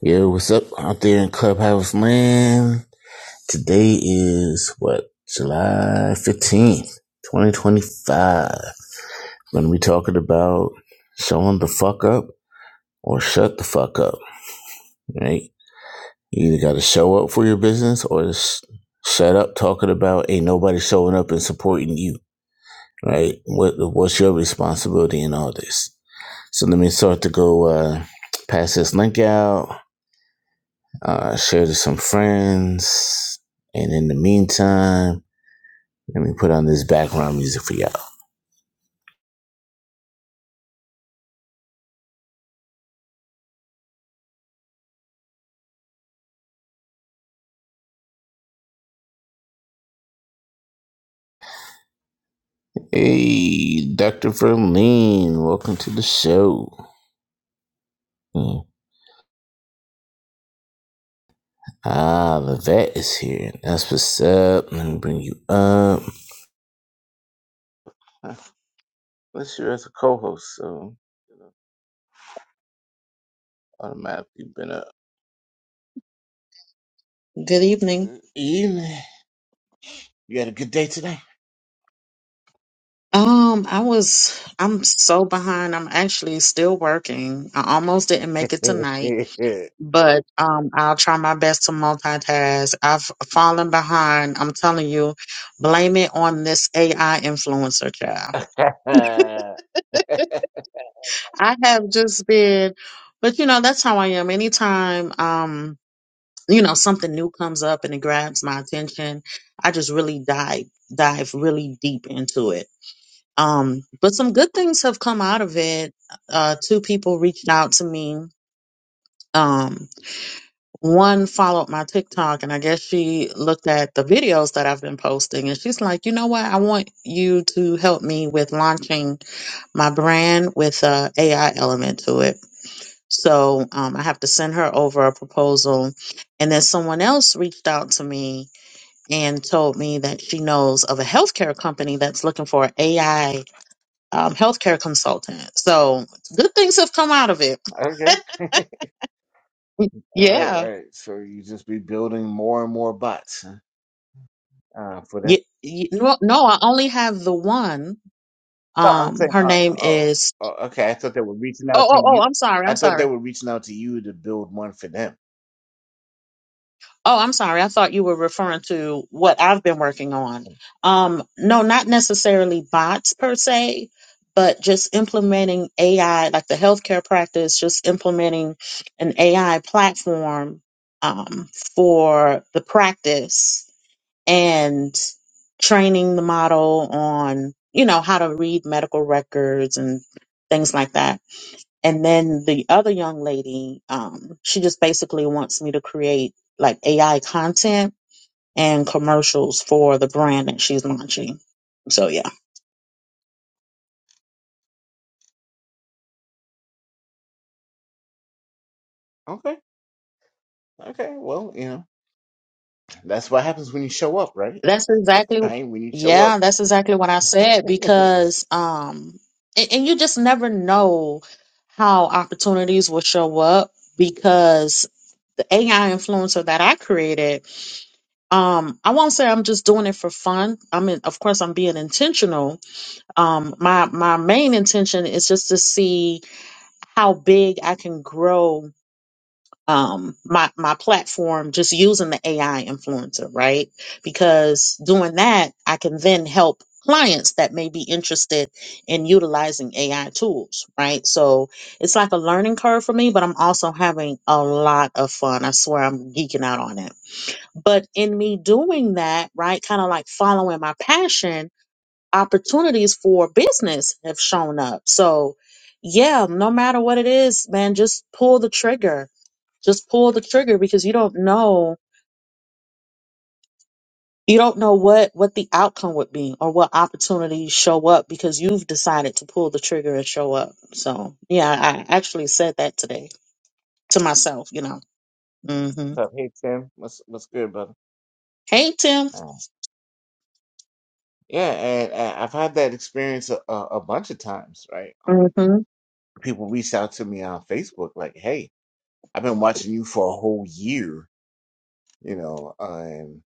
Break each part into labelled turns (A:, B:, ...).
A: Yo, what's up out there in Clubhouse Land? Today is what July fifteenth, twenty twenty five. When we talking about showing the fuck up or shut the fuck up, right? You either got to show up for your business or just shut up talking about ain't nobody showing up and supporting you, right? What what's your responsibility in all this? So let me start to go uh, pass this link out. uh, share to some friends. And in the meantime, let me put on this background music for y'all. Hey, Dr. Verlene, welcome to the show. Hmm. Ah, the vet is here. That's what's up. Let me bring you up. Unless you're as a co-host, so you know, automatically been up.
B: Good evening.
A: Good evening. You had a good day today?
B: Um, I was I'm so behind. I'm actually still working. I almost didn't make it
A: okay.
B: tonight, but um I'll try my best to multitask. I've fallen behind. I'm telling you, blame it on this AI influencer job. I have just been but you know, that's how I am. Anytime um, you know, something new comes up and it grabs my attention, I just really dive dive really deep into it Um, but some good things have come out of it. Uh, two people reached out to me. Um, one followed my TikTok, and I guess she looked at the videos that I've been posting, and she's like, "You know what? I want you to help me with launching my brand with a AI element to it." So um, I have to send her over a proposal, and then someone else reached out to me and told me that she knows of a healthcare company that's looking for AI um, healthcare consultant. So good things have come out of it.
A: All right,
B: Yeah.
A: right. So you just be building more and more bots huh? uh, for them.
B: Y y no, no, I only have the one.
A: No, I'm
B: Um,
A: saying,
B: her
A: uh,
B: name
A: oh,
B: is.
A: oh, okay. I thought they were reaching
B: Oh,
A: out to
B: oh, oh.
A: you.
B: I'm sorry.
A: I
B: I'm
A: thought they
B: sorry.
A: were reaching out to you to build one for them.
B: Oh, I'm sorry. I thought you were referring to what I've been working on.
A: Hmm.
B: Um, no, not necessarily bots per se, but just implementing AI, like the healthcare practice, just implementing an AI platform um, for the practice and training the model on, you know, how to read medical records and things like that. And then the other young lady, um, she just basically wants me to create like AI content and commercials for the brand that she's launching. So yeah,
A: Okay, okay. Well, you know, that's what happens when you show up, right?
B: that's exactly,
A: Right? When you show up.
B: yeah, that's exactly what I said
A: That's
B: because, um, and, and you just never know how opportunities will show up because the AI influencer that I created, um, I won't say I'm just doing it for fun. I mean, of course, I'm being intentional. Um, my my main intention is just to see how big I can grow um my my platform just using the AI influencer, right? Because doing that, I can then help clients that may be interested in utilizing AI tools, right? So it's like a learning curve for me, but I'm also having a lot of fun. I swear I'm geeking out on it. But in me doing that, right, kind of like following my passion, opportunities for business have shown up. So, yeah, no matter what it is, man, just pull the trigger. Just pull the trigger because you don't know you don't know what what the outcome would be or what opportunities show up because you've decided to pull the trigger and show up. So, yeah, I actually said that today to myself, you know.
A: what's
B: Mhm.
A: up. Hey Tim, what's what's good, brother?
B: Hey, Tim.
A: Uh, yeah, and, and I've had that experience a, a, a bunch of times, right? Um,
B: Mhm.
A: people reached out to me on Facebook like, "Hey, I've been watching you for a whole year, you know, uh, and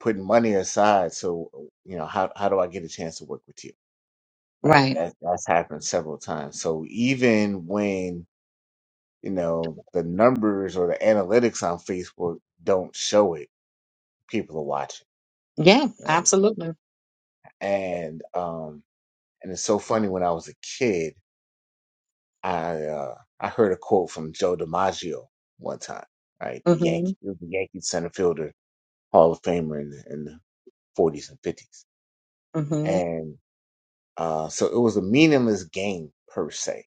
A: putting money aside, so you know, how how do I get a chance to work with you?" Right?
B: Right.
A: That that's happened several times. So even when you know the numbers or the analytics on Facebook don't show it, people are watching,
B: Yeah,
A: right?
B: absolutely.
A: And um And it's so funny when I was a kid, I uh, I heard a quote from Joe DiMaggio one time, right? The Yankee,
B: Mhm.
A: he was the Yankee center fielder, Hall of Famer in the, in the 40s and 50s.
B: Mhm.
A: And uh, so it was a meaningless game per se,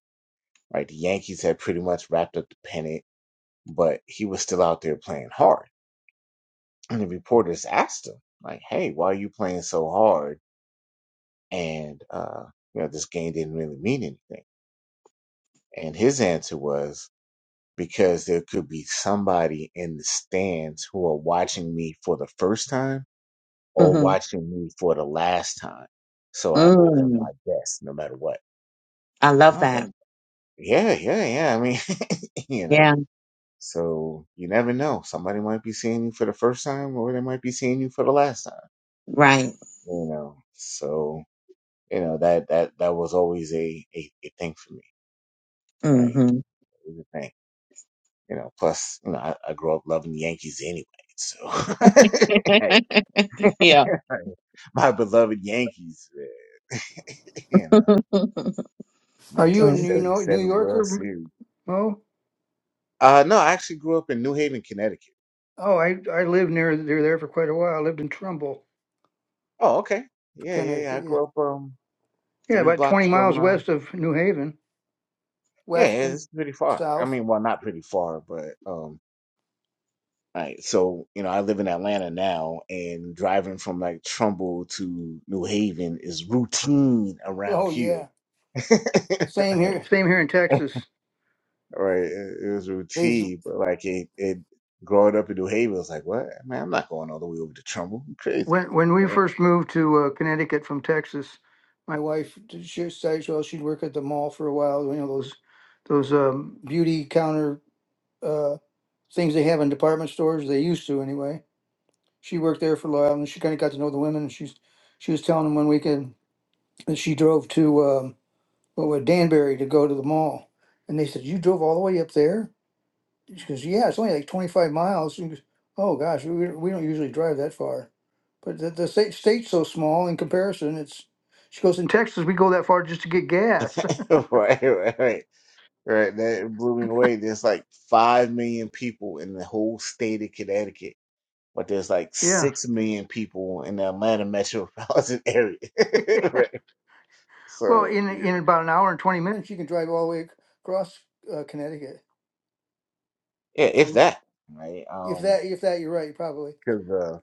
A: right? The Yankees had pretty much wrapped up the pennant, but he was still out there playing hard. And the reporters asked him, like, "Hey, why are you playing so hard?" And uh, you know, this game didn't really mean anything. And his answer was, because there could be somebody in the stands who are watching me for the first time or
B: hmm
A: watching me for the last time. So I owe them
B: Mm.
A: my best no matter what.
B: I
A: I
B: love
A: was like,
B: that.
A: yeah, yeah, yeah. I mean, you know,
B: Yeah,
A: so you never know. Somebody might be seeing you for the first time or they might be seeing you for the last time,
B: right.
A: you know. So, you know, that that that was always a a, a thing for me, right?
B: hmm
A: It was a thing. You know, plus, you know, I, I grew up loving the Yankees anyway. So, hey,
B: yeah.
A: my beloved Yankees, man. you know,
C: Are you a
B: Mm.
C: New York, New
A: 1977 World
C: Yorker,
A: Series.
C: Mo?
A: Uh, no, I actually grew up in New Haven, Connecticut.
C: Oh, I I lived near near there for quite a while. I lived in Trumbull,
A: Oh, okay. Yeah, yeah, yeah.
C: Connecticut.
A: I
C: Yeah,
A: grew up um
C: yeah,
A: three
C: about
A: blocks
C: twenty
A: from.
C: miles
A: Uh,
C: west of New Haven,
A: yeah, yeah,
C: west and
A: it's pretty far. I
C: south.
A: mean, well, not pretty far, but um, all right. So you know, I live in Atlanta now, and driving from like Trumbull to New Haven is routine around
C: Oh yeah,
A: here.
C: same
A: Right.
C: here. Same here in Texas.
A: right? It, it was
C: These
A: routine, but like it, it growing up in New Haven, it was like, what? Man, I'm not going all the way over to Trumbull. I'm crazy,
C: when when we
A: right?
C: first moved to uh, Connecticut from Texas, my wife did- she said well she'd work at the mall for a while. You know those those um, beauty counter uh, things they have in department stores. They used to anyway she worked there for a while and she kind of got to know the women. And she's she was telling them one weekend that she drove to um, what was it, Danbury to go to the mall, and they said you drove all the way up there. She goes, yeah, it's only like twenty five miles. She goes, oh gosh, we we don't usually drive that far, but the, the state state's so small in comparison. It's she goes in Texas we go that far just to get gas.
A: right, right, right, right. That blew me away. There's like five million people in the whole state of Connecticut, but there's like
C: yeah,
A: six million people in the Atlanta metropolitan area. right?
C: well
A: So
C: in in
A: yeah,
C: about an hour and twenty minutes you can drive all the way ac- across uh, Connecticut
A: yeah, if
C: from
A: that, right?
C: if
A: Um,
C: that if that you're right probably.
A: because uh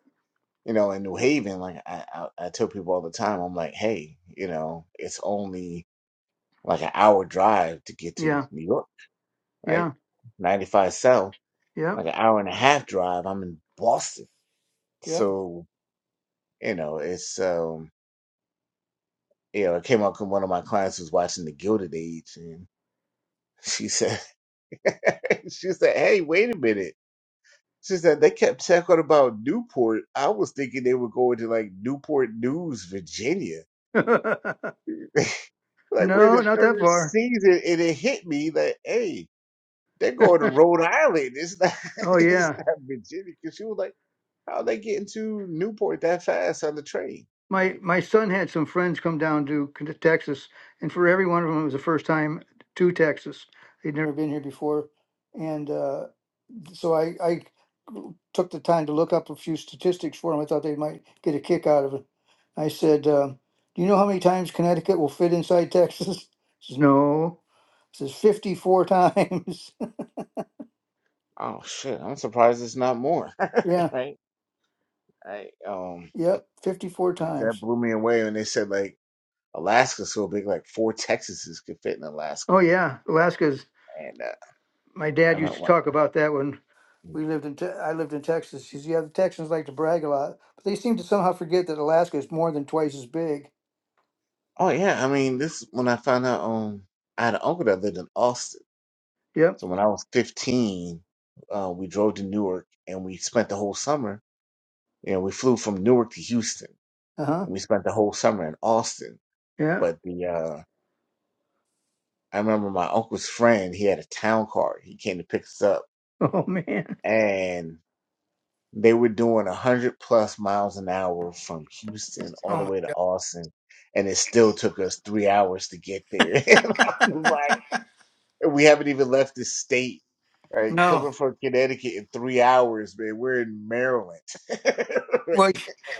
A: you know, in New Haven, like I, I, I tell people all the time, I'm like, hey, you know, it's only like an hour drive to get to
C: Yeah,
A: New York,
C: yeah.
A: right? 95 South,
C: Yep.
A: like an hour and a half drive. I'm in Boston.
C: Yep.
A: So, you know, it's, um, you know, it came up up 'cause one of my clients was watching The Gilded Age and she said, she said, hey, wait a minute. She said, they kept talking about Newport. I was thinking they were going to like Newport News, Virginia. like we're in
C: no,
A: the
C: not that
A: third
C: far.
A: season and it hit me that, hey, They're going to Rhode Island. It's not,
C: oh
A: it's
C: yeah.
A: not Virginia. Because she was like, how they getting to Newport that fast on the train?
C: My
A: Like,
C: my son had some friends come down to K- Texas, and for every one of them, it was the first time to Texas. They'd never been here before, and uh, so I I took the time to look up a few statistics for them. I thought they might get a kick out of it. I said, uh, "Do you know how many times Connecticut will fit inside Texas?" says, "No." says, "54 times."
A: oh shit, I'm surprised it's not more.
C: yeah.
A: right? Right. Um,
C: Yep. 54
A: that
C: times.
A: blew me away when they said like Alaska's so big, like four Texases could fit in Alaska.
C: Oh yeah, Alaska's.
A: And uh,
C: My
A: I
C: dad used
A: went,
C: to
A: what?
C: talk about that when we lived in. Te- I lived in Texas. He says, "Yeah, the Texans like to brag a lot, but they seem to somehow forget that Alaska is more than twice as big."
A: Oh yeah, I mean this when I found out um I had an uncle that lived in Austin.
C: Yep.
A: So when I was fifteen, uh, we drove to Newark and we spent the whole summer. You know, we flew from Newark to Houston
C: Uh huh.
A: and we spent the whole summer in Austin.
C: Yeah.
A: But the uh, I remember my uncle's friend, he had a town car. He came to pick us up,
C: Oh man.
A: and they were doing a hundred plus miles an hour from Houston all
C: Oh
A: the
C: my.
A: way to Austin, and it still took us three hours to get there. and I was like, and we haven't even left the state. Right,
C: No.
A: coming from Connecticut in three hours, man. We're in Maryland.
C: Well,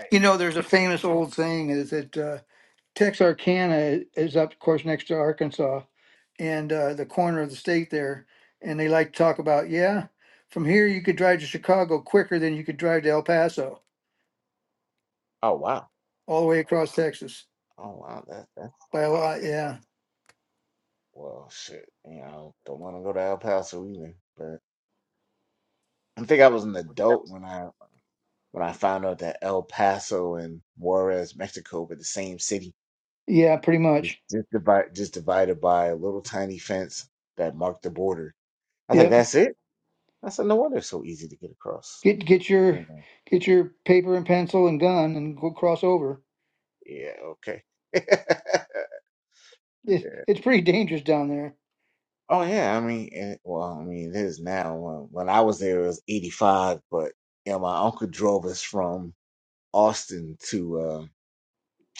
C: you know, there's a famous old saying is that uh, Texarkana is up, of course, next to Arkansas and uh, the corner of the state there, and they like to talk about, yeah, from here you could drive to Chicago quicker than you could drive to El Paso,
A: Right. Oh wow!
C: all the way across Texas.
A: Oh wow! That,
C: by a lot. Yeah,
A: Well, shit, you know, don't want to go to El Paso either. But I think I was an adult when I when I found out that El Paso and Juarez, Mexico, were the same city,
C: yeah, pretty
A: just
C: much.
A: just divided just divided by a little tiny fence that marked the border. I was like,
C: Yep.
A: that's it. I said, no wonder it's so easy to get across.
C: Get get your
A: You know,
C: get your paper and pencil and gun and go cross over.
A: yeah, okay.
C: It, it's pretty dangerous down there.
A: Oh yeah, I mean, it, well, I mean, it is now. When, when I was there, it was eighty five, but yeah, my uncle drove us from Austin to. uh,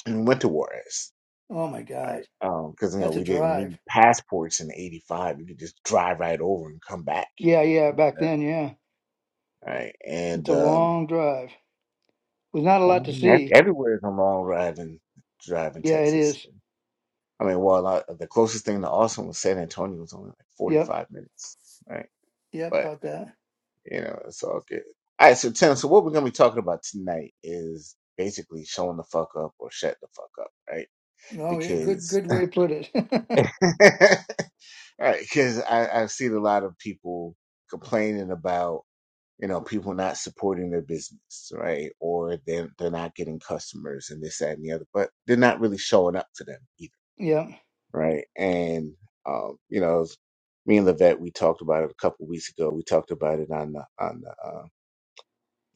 A: and went to Juarez,
C: Oh my
A: right?
C: God,
A: Because you know
C: that's a
A: we didn't need
C: drive.
A: passports in '85. We could just drive right over and come back,
C: Yeah, yeah. Back
A: Yeah.
C: then, yeah,
A: right? And
C: it's a
A: um,
C: long drive with not a
A: well, I
C: lot to
A: mean, ev-
C: see.
A: everywhere is a long ride and drive in driving
C: Yeah, it
A: Texas.
C: is.
A: I mean, well, I, the closest thing to Austin was San Antonio. was only like
C: Yep.
A: 45 minutes, right?
C: Yep.
A: But
C: About that.
A: you know, it's all good. All right, so Tim, so what we're gonna be talking about tonight is basically showing the fuck up or shut the fuck up, right?
C: Oh, yeah, good
A: Because
C: good way to put it.
A: right because I, i've seen a lot of people complaining about you know people not supporting their business right or they're, they're not getting customers and this that and the other but they're not really showing up to them either
C: yep.
A: right and um, you know me and Levette, we talked about it a couple weeks ago we talked about it on the on the uh,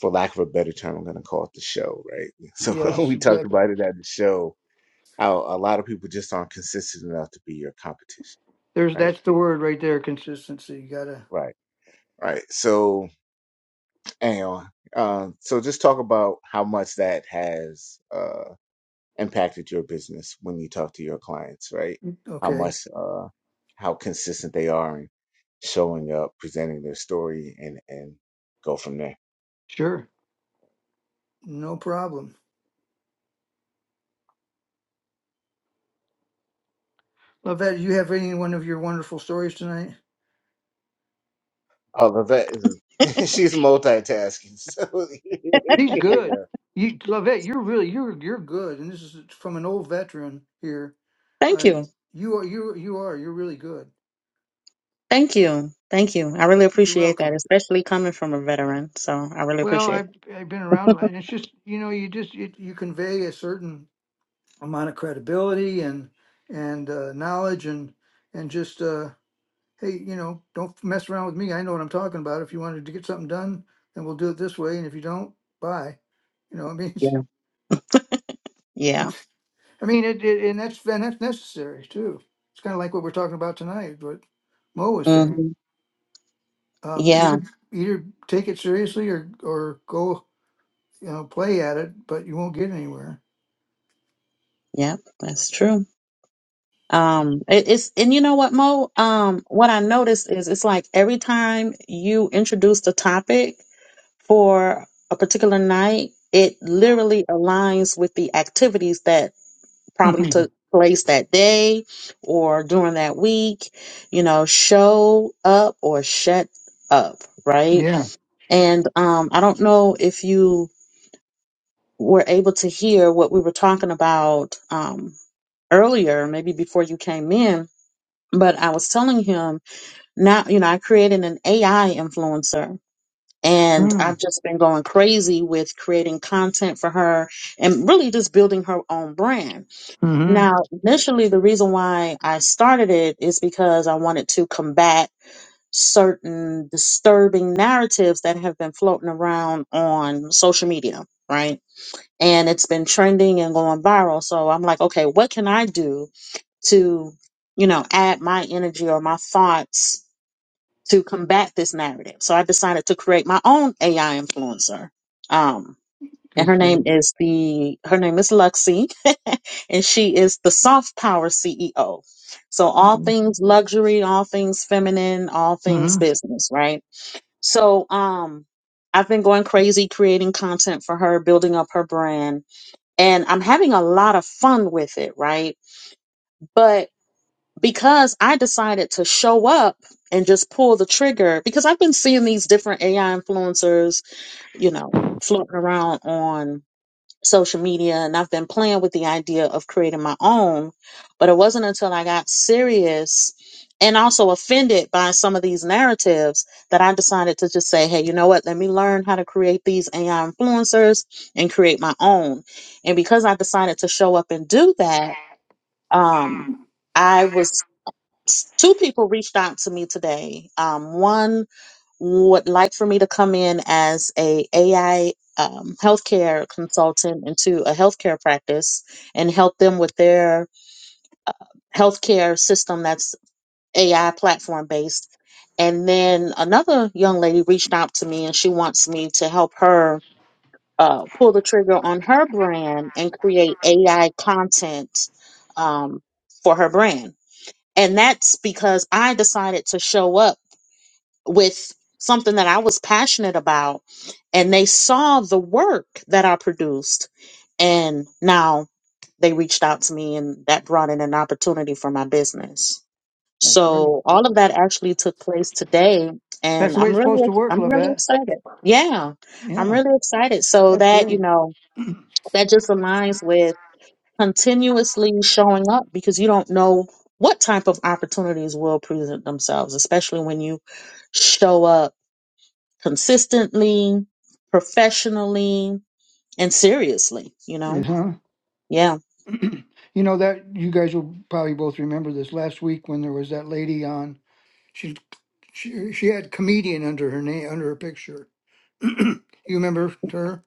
A: for lack of a better term i'm going to call it the show right so
C: Yes,
A: we talked
C: exactly.
A: about it at the show how a lot of people just aren't consistent enough to be your competition
C: There's
A: right
C: that's the word right there. Consistency. You gotta.
A: Right. Right. So, anyway, uh, so just talk about how much that has uh, impacted your business when you talk to your clients, right? How
C: Okay.
A: much, uh, how consistent they are in showing up, presenting their story, and and go from there.
C: Sure. No problem. Lovette, do you have any one of your wonderful stories tonight?
A: Oh, Levette is a, she's multitasking. So,
C: He's
A: you
C: good.
A: know.
C: You Lovette, you're really you're You're good, and this is from an old veteran here.
B: Thank
C: Uh,
B: you.
C: you are, you you are, you're really good.
B: Thank you. Thank you. I really
C: You're
B: appreciate that,
C: welcome.
B: especially coming from a veteran. So I really
C: well,
B: appreciate
C: I've
B: that.
C: I've been around a lot, and it's just you know, you just it You convey a certain amount of credibility and and uh, knowledge, and and just uh, hey, you know, don't mess around with me. I know what I'm talking about. If you wanted to get something done, then we'll do it this way, and if you don't, bye. You know, I mean,
B: Yeah. Yeah.
C: it's I mean, it, it and that's and that's necessary too. It's kind of like what we're talking about tonight, what Mo was saying.
B: hmm
C: Um,
B: Yeah.
C: either either take it seriously or or go you know play at it, but you won't get anywhere.
B: Yep. That's true. Um, it, it's, and you know what, Mo? Um, what I noticed is it's like every time you introduce the topic for a particular night, it literally aligns with the activities that probably took
C: yeah.
B: place that day or during that week, you know, show up or shut up, right? And um, I don't know if you were able to hear what we were talking about um, earlier, maybe before you came in, but I was telling him now, you know, I created an AI influencer. And I've just been going crazy with creating content for her and really just building her own brand
C: Mm-hmm.
B: now, initially, the reason why I started it is because I wanted to combat certain disturbing narratives that have been floating around on social media, right? And it's been trending and going viral. So I'm like, okay, what can I do to, you know, add my energy or my thoughts to combat this narrative? So I decided to create my own AI influencer. Um, and
C: Good
B: her
C: for
B: name
C: you.
B: is the her name is Luxie, and she is the Soft Power CEO. So all things luxury, all things feminine, all things
C: Mm-hmm.
B: business, right? So um I've been going crazy creating content for her, building up her brand, and I'm having a lot of fun with it, right? But because I decided to show up and just pull the trigger because I've been seeing these different AI influencers, you know, floating around on social media and I've been playing with the idea of creating my own. But it wasn't until I got serious and also offended by some of these narratives that I decided to just say, hey, you know what? Let me learn how to create these AI influencers and create my own. And because I decided to show up and do that, um, I was two people reached out to me today. Um, one would like for me to come in as a AI um, healthcare consultant into a healthcare practice and help them with their healthcare system that's AI platform based. And then another young lady reached out to me and she wants me to help her uh, pull the trigger on her brand and create AI content um, for her brand. And that's because I decided to show up with something that I was passionate about and they saw the work that I produced and now they reached out to me and that brought in an opportunity for my business.
C: That's great.
B: So all of that actually took place today
C: That's
B: and
C: the way
B: I'm
C: it's supposed
B: really
C: to work,
B: I'm really
C: Lavette.
B: excited. Yeah. I'm
C: Yeah,
B: really excited so
C: that's
B: that, you
C: great.
B: know, that just aligns with continuously showing up because you don't know what type of opportunities will present themselves, especially when you show up consistently, professionally, and seriously, you
C: Yeah.
B: know? Yeah.
C: huh? you know that you guys will probably both remember this last week when there was that lady on. She she she had comedian under her name under her picture. you remember her?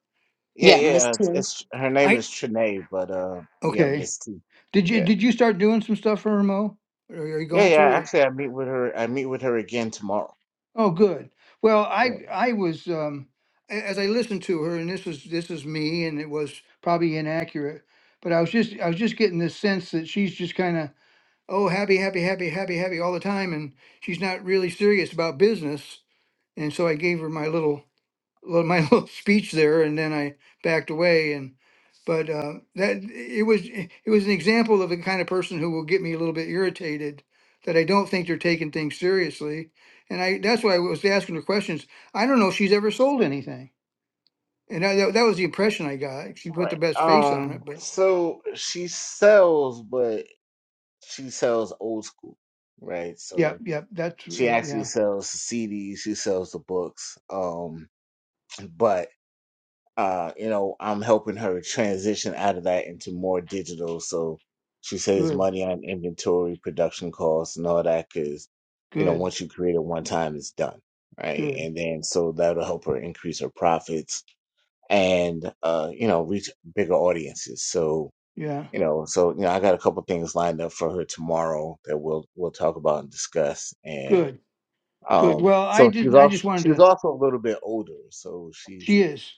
A: yeah,
B: Yeah, Miss
A: yeah.
B: T.
A: It's, it's her name
C: I
A: is Trinae, but uh, yeah,
C: Okay.
A: Miss T.
C: Did you
A: Yeah,
C: did you start doing some stuff for her, Mo? Are are you
A: yeah,
C: going
A: yeah.
C: to? or-
A: Actually, I meet with her. I meet with her again tomorrow.
C: Oh, good. Well, I I was um a- as I listened to her, and this was this is me, and it was probably inaccurate, but I was just I was just getting this sense that she's just kind of oh happy happy happy happy happy all the time, and she's not really serious about business. And so I gave her my little well, my little speech there, and then I backed away. And but uh, that it was it was an example of the kind of person who will get me a little bit irritated that I don't think they're taking things seriously. And I that's why I was asking her questions. I don't know if she's ever sold anything, and I, that, that was the impression I got. She put the
A: Right.
C: best face on
A: Um.
C: it, but
A: So she sells, but she sells old school, right?
C: yeah,
A: So
C: yeah, that's
A: she
C: uh,
A: actually
C: yeah,
A: sells the CDs. She sells the books. Um. But uh, you know, I'm helping her transition out of that into more digital. So she saves
C: good,
A: money on inventory, production costs, and all that. Because you know,
C: good,
A: once you create it one time, it's done, right?
C: good,
A: And then so that'll help her increase her profits and uh, you know, reach bigger audiences. So
C: yeah,
A: you know so you know i got a couple things lined up for her tomorrow that we'll we'll talk about and discuss and
C: good, good.
A: um
C: Well, I
A: so she's
C: didn't. I just
A: also she's
C: wanted to.
A: also a little bit older so she's
C: She is.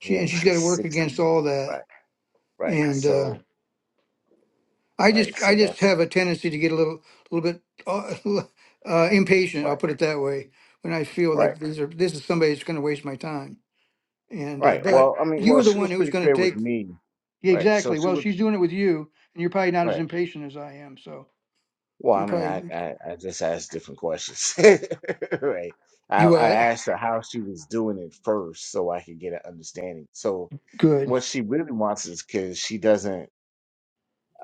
C: She
A: yeah
C: and she's got
A: she's
C: to work
A: 60
C: against all that
A: right right
C: and. uh
A: so
C: I
A: right
C: just I
A: so
C: just
A: that's
C: have a tendency to get a little little bit uh, uh, impatient. I'll
A: right
C: put it that way when I feel
A: right
C: like these are this is somebody that's going to waste my time. And uh,
A: right
C: but
A: well i mean
C: you
A: well
C: were the
A: she was
C: one who was
A: pretty
C: going to
A: clear with
C: take
A: me
C: yeah,
A: right so
C: exactly.
A: she
C: Well,
A: was
C: she's doing it with you, and you're probably not
A: right
C: as impatient as I am. So
A: Well,
C: you
A: I mean, I,
C: probably
A: I, I just asked different questions, right? I,
C: you
A: I
C: uh
A: asked her how she was doing it first so I could get an understanding. So,
C: good
A: what she really wants is because she doesn't,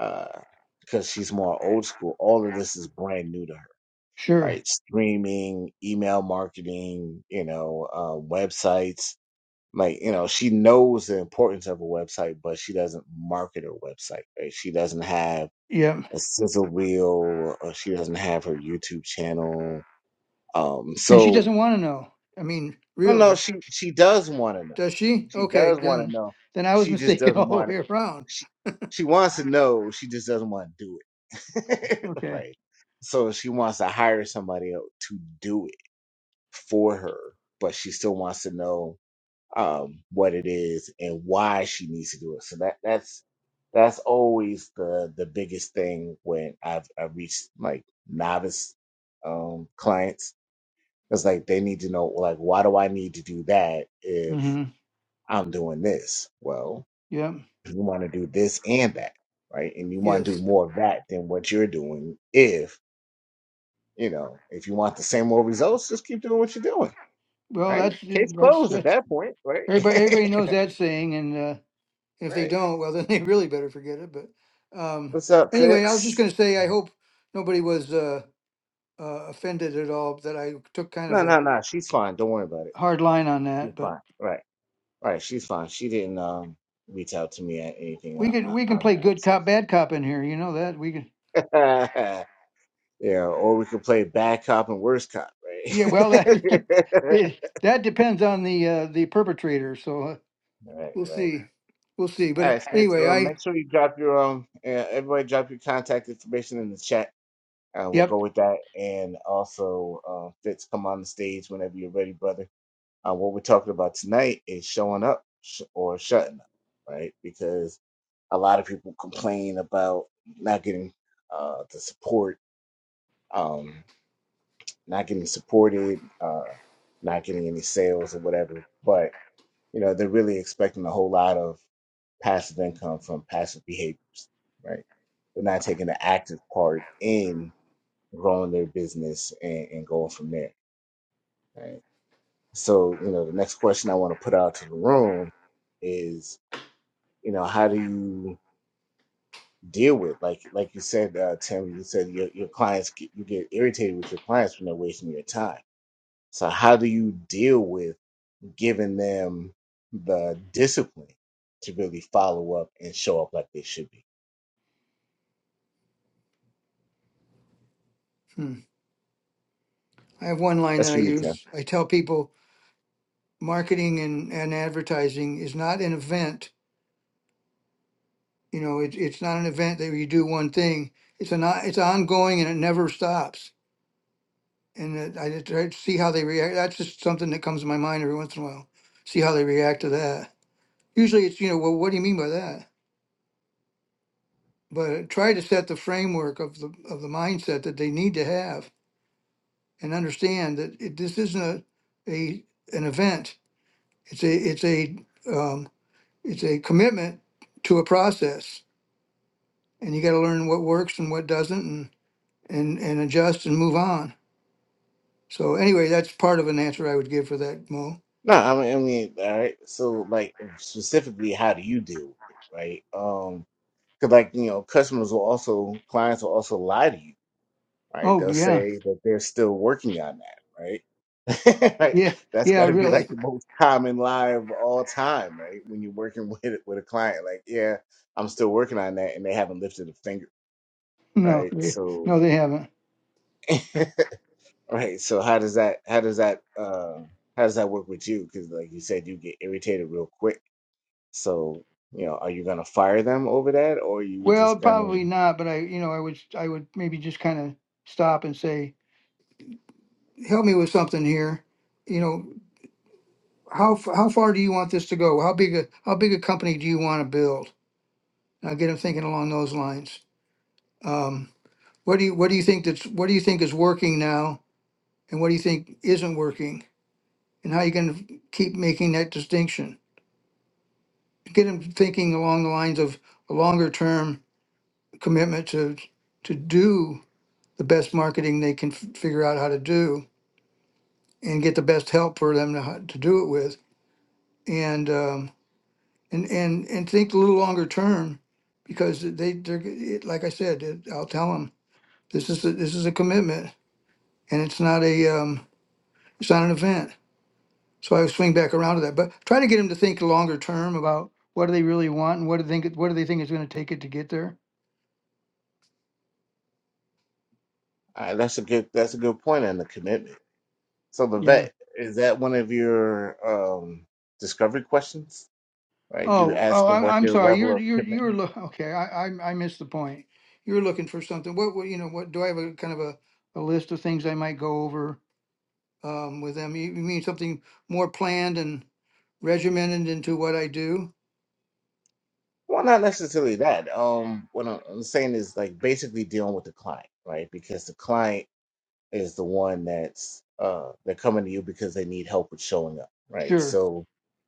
A: uh, because she's more old school, all of this is brand new to her,
C: sure
A: right? Streaming, email marketing, you know, uh, websites. Like, you know, she knows the importance of a website, but she doesn't market her website, right? She doesn't have
C: yeah.
A: a sizzle reel or she doesn't have her YouTube channel. Um,
C: And she
A: so
C: doesn't want to know. I mean,
A: no, no,
C: really,
A: she she does want to know.
C: does she?
A: She
C: Okay,
A: does want to
C: then
A: know.
C: then I was
A: She just
C: mistaken all
A: doesn't
C: the
A: want to.
C: way around.
A: She she wants to know. She just doesn't want to do it.
C: Okay.
A: right. So she wants to hire somebody else to do it for her, but she still wants to know um, what it is and why she needs to do it. So that that's that's always the the biggest thing when I've I've reached like novice um, clients. It's like they need to know like why do I need to do that if
C: Mm-hmm.
A: I'm doing this? Well,
C: Yeah.
A: you want to do this and that, right? And you want to do
C: Yes.
A: more of that than what you're doing. If you know if you want the same old results, just keep doing what you're doing,
C: Well,
A: right?
C: that's
A: Case
C: that's
A: closed at
C: that's
A: that point, right?
C: Everybody, everybody knows that saying, and uh, if they
A: right.
C: don't, well, then they really better forget it. But um,
A: What's up,
C: anyway, I was
A: Fitz?
C: just going to say, I hope nobody was uh, uh, offended at all that I took kind of
A: No,
C: a
A: no, no. She's fine. Don't worry about it.
C: hard line on
A: She's
C: that. But
A: fine. Right, right. She's fine. She didn't um reach out to me at anything
C: we
A: on,
C: can
A: on
C: we can
A: on
C: play
A: that.
C: good
A: So.
C: cop, bad cop in here. You know that we can.
A: yeah, or we could play bad cop and worst cop, right?
C: Yeah, well, that it, that depends on the uh, the perpetrator. So uh,
A: right,
C: we'll
A: right.
C: see, we'll see. But
A: All
C: uh,
A: right, Fitz.
C: anyway,
A: So
C: I
A: make sure you drop your um. Uh, everybody, drop your contact information in the chat. Uh, we'll go
C: yep,
A: with that, and also uh, Fitz, come on the stage whenever you're ready, brother. Uh, what we're talking about tonight is showing up sh- or shutting up, right? Because a lot of people complain about not getting uh, the support, um, not getting supported, uh, not getting any sales or whatever. But you know, they're really expecting a whole lot of passive income from passive behaviors, right? They're not taking the active part in growing their business and, and going from there. right? So, you know, the next question I want to put out to the room is, you know, how do you deal with like like you said, uh, Tim, you said your your clients get, you get irritated with your clients when they're wasting your time. So, how do you deal with giving them the discipline to really follow up and show up like they should be?
C: hmm, I have one line
A: That's
C: that
A: for
C: I
A: you, Tim.
C: use. I tell people marketing and, and advertising is not an event You know, it's it's not an event that you do one thing. It's an o- it's ongoing and it never stops. And it, I just try to see how they react. That's just something that comes to my mind every once in a while. See how they react to that. Usually, it's you know, well, what do you mean by that? But try to set the framework of the of the mindset that they need to have and understand that it, this isn't a, a an event. It's a it's a um, it's a commitment to a process, and you got to learn what works and what doesn't, and and and adjust and move on So anyway, that's part of an answer I would give for that, Mo.
A: No, I mean, I mean, all right. So, like specifically, how do you deal with it, right? Um, because like you know, customers will also clients will also lie to you right?
C: Oh
A: They'll
C: yeah,
A: say that they're still working on that, right? Right?
C: yeah,
A: That's
C: yeah.
A: got to be
C: Really?
A: like the most common lie of all time, right? When you're working with with a client, like, yeah, I'm still working on that, and they haven't lifted a finger,
C: No,
A: right?
C: they-
A: So,
C: no, they haven't.
A: right. So how does that how does that uh, how does that work with you? Because like you said, you get irritated real quick. So you know, are you gonna fire them over that, or are you
C: Well,
A: just gonna?
C: probably not. But I, you know, I would, I would maybe just kind of stop and say, help me with something here. You know, how f- how far do you want this to go? How big a how big a company do you want to build? Now get them thinking along those lines. Um, what do you what do you think that's what do you think is working now, and what do you think isn't working, and how you going to keep making that distinction? get them thinking along the lines of a longer term commitment to to do the best marketing they can f- figure out how to do and get the best help for them to, ho- to do it with and um, and and and think a little longer term because they they're g- it, like I said it, I'll tell them this is a, this is a commitment and it's not a um, it's not an event so I swing back around to that but try to get them to think longer term about what do they really want and what do they think what do they think it's going to take it to get there
A: Uh, that's a good that's a good point on the commitment So the
C: Yeah.
A: vet is that one of your um discovery questions, right? Do you
C: Oh,
A: ask
C: oh,
A: them
C: I'm,
A: what
C: I'm
A: their
C: sorry.
A: level
C: You're,
A: of
C: you're,
A: commitment?
C: you're, loo- okay. I, I, I missed the point. You're looking for something. What, what, you know, what, do I have a kind of a, a list of things I might go over, um, with them? You, you mean something more planned and regimented into what I do?
A: Well, not necessarily that. Um, what I'm I'm saying is like basically dealing with the client, right? Because the client is the one that's uh they're coming to you because they need help with showing up, right?
C: Sure.
A: So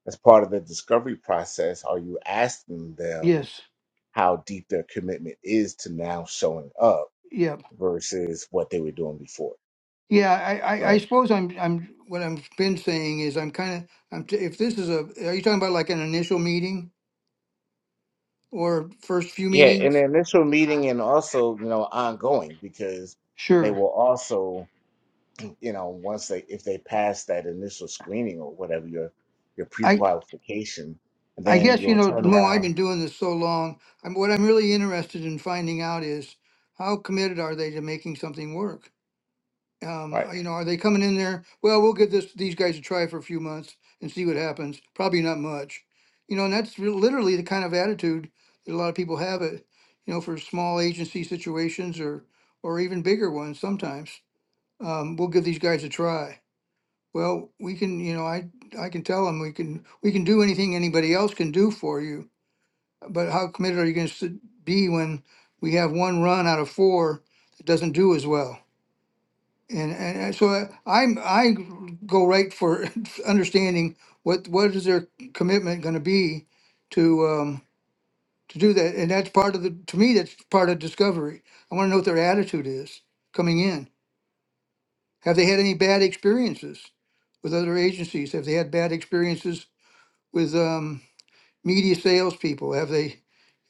A: as part of the discovery process, are you asking them
C: Yes.
A: how deep their commitment is to now showing up
C: Yep.
A: versus what they were doing before?
C: Yeah. I, I,
A: right?
C: I suppose I'm, I'm, what I've been saying is I'm kind of, I'm, t- if this is a, are you talking about like an initial meeting or first few
A: Yeah, in
C: meetings?
A: the initial meeting and also, you know, ongoing because they
C: Sure.
A: will also, you know, once they if they pass that initial screening or whatever your your pre-qualification, and
C: I
A: then
C: guess, you
A: you'll
C: know,
A: turn
C: Mo, I've
A: around.
C: been doing this so long. I'm, what I'm really interested in finding out is how committed are they to making something work? Um,
A: Right.
C: uh, you know, are they coming in there? Well, we'll give this these guys a try for a few months and see what happens. Probably not much, you know. And that's re- literally the kind of attitude that a lot of people have it, you know, for small agency situations or or even bigger ones. Sometimes um, we'll give these guys a try. Well, we can, you know, I I can tell them we can we can do anything anybody else can do for you but how committed are you going to be when we have one run out of four that doesn't do as well? And, and, and so I- I'm I go right for understanding what what is their commitment going to be to um, to do that, and that's part of the to me that's part of discovery. I want to know what their attitude is coming in. Have they had any bad experiences with other agencies? Have they had bad experiences with? Um, media salespeople? Have they,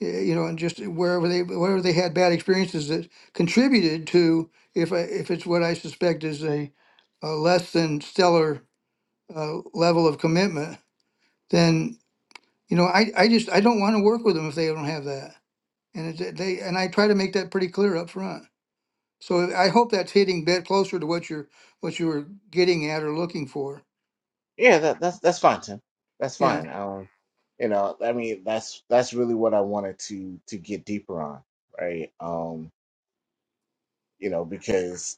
C: eh, you know, and just wherever they wherever they had bad experiences that contributed to if I, if it's what I suspect is a, a less than stellar uh, level of commitment, then you know I, I just I don't want to work with them if they don't have that. And it, they and I try to make that pretty clear up front. So I hope that's hitting bit closer to what you're what you were getting at or looking for.
A: Yeah, that that's that's fine, Tim. That's
C: Yeah.
A: fine. I don't, you know, I mean, that's that's really what I wanted to to get deeper on, right? Um, you know, because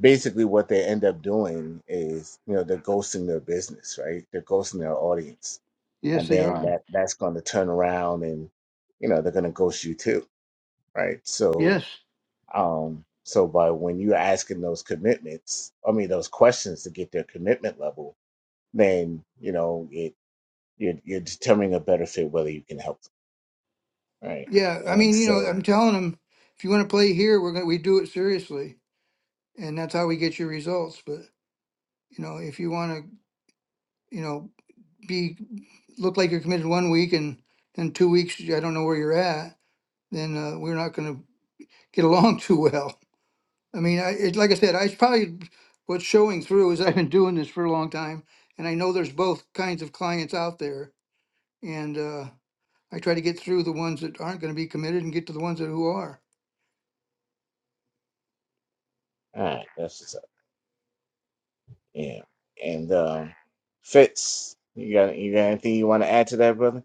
A: basically what they end up doing is, you know, they're ghosting their business, right? They're ghosting their audience and
C: Yes, they
A: then
C: are.
A: that that's going to turn around and you know they're going to ghost you too right so
C: Yes.
A: um so by when you're asking those commitments i mean those questions to get their commitment level then you know it you're, you're determining a better fit whether you can help them right
C: Yeah, I
A: and
C: mean, you know,
A: so
C: I'm telling them if you want to play here, we're gonna we do it seriously, and that's how we get your results. But you know, if you want to, you know, be look like you're committed one week and then two weeks, I don't know where you're at, then uh, we're not gonna get along too well. I mean, I it, like I said, I it's probably what's showing through is I've been doing this for a long time, and I know there's both kinds of clients out there, and uh, I try to get through the ones that aren't going to be committed and get to the ones that who are.
A: all right that's what's up yeah and um fitz you got you got anything you want to add to that brother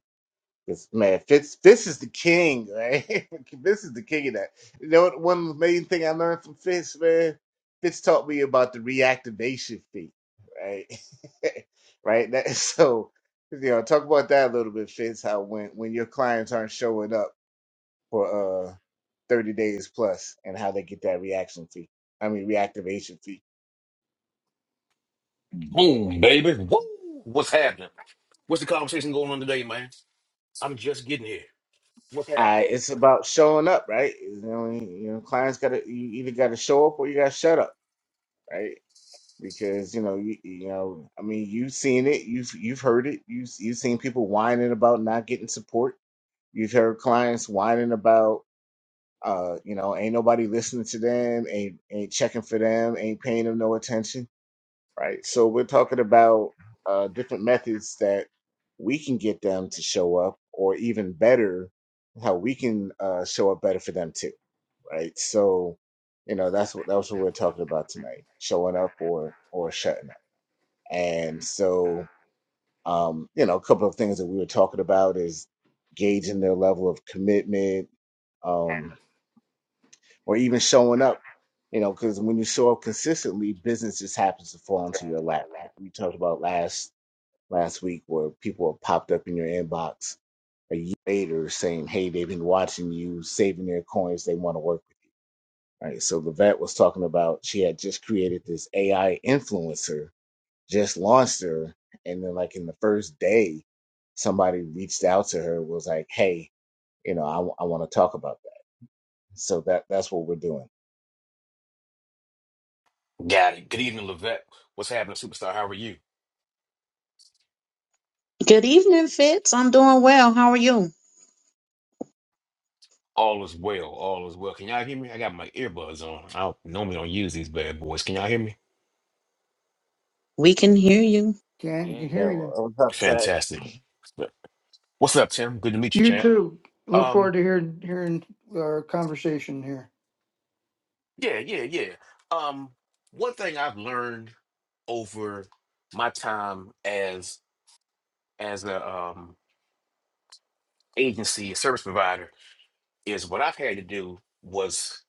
A: This man, Fitz, Fitz is the king, right? Fitz is the king of that. You know what? One main thing I learned from Fitz, man, Fitz taught me about the reactivation fee, right? right. That so, you know, talk about that a little bit, Fitz. How when when your clients aren't showing up for uh thirty days plus, and how they get that reaction fee. I mean, reactivation fee.
D: Boom, baby. Woo! What's happening? What's the conversation going on today, man? I'm just getting here. What's happening?
A: I it's about showing up, right? You know, you know, clients got to you either got to show up or you got to shut up, right? because you know you, you know I mean you've seen it you've you've heard it you you've you've seen people whining about not getting support you've heard clients whining about uh you know ain't nobody listening to them ain't ain't checking for them ain't paying them no attention right so we're talking about uh different methods that we can get them to show up or even better how we can uh show up better for them too right so you know that's what that's what we're talking about tonight showing up or or shutting up and so, um, you know, a couple of things that we were talking about is gauging their level of commitment, um, or even showing up. You know, because when you show up consistently, business just happens to fall into your lap. Like we talked about last last week, where people have popped up in your inbox a year later saying, "Hey, they've been watching you, saving their coins. They want to work with." you," Right. So Levette was talking about she had just created this AI influencer just launched her and then like in the first day somebody reached out to her was like hey you know i, I want to talk about that so that that's what we're doing
D: Got it. Good evening, Levette. What's happening, superstar? How are you?
B: Good evening, Fitz. I'm doing well. How are you?
D: All is well. All is well. Can y'all hear me? I got my earbuds on. I don't, normally don't use these bad boys. Can y'all hear me?
B: We can hear you.
C: can you
A: yeah
C: can
A: yeah
C: hear you.
A: well, i was up to say
D: Fantastic. What's up, Tim? Good to meet you,
C: You
D: champ.
C: too. Look
D: Um,
C: forward to hearing hearing our conversation here.
D: yeah, yeah, yeah. Um, one thing I've learned over my time as as a um agency service provider is what I've had to do was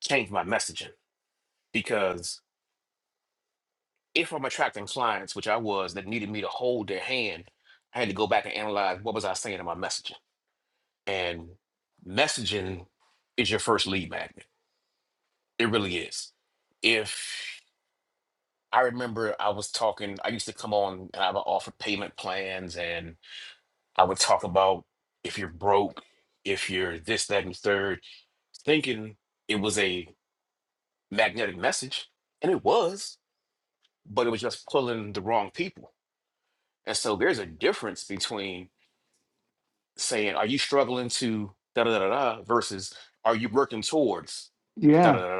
D: change my messaging because if I'm attracting clients, which I was, that needed me to hold their hand, I had to go back and analyze what was I saying in my messaging. And messaging is your first lead magnet. It really is. If I remember I was talking, I used to come on and I would offer payment plans and I would talk about if you're broke, if you're this, that, and the third, thinking it was a magnetic message. And it was, but it was just pulling the wrong people And so there's a difference between saying, are you struggling to da da da da da," versus are you working towards da da
C: Yeah.
D: da da.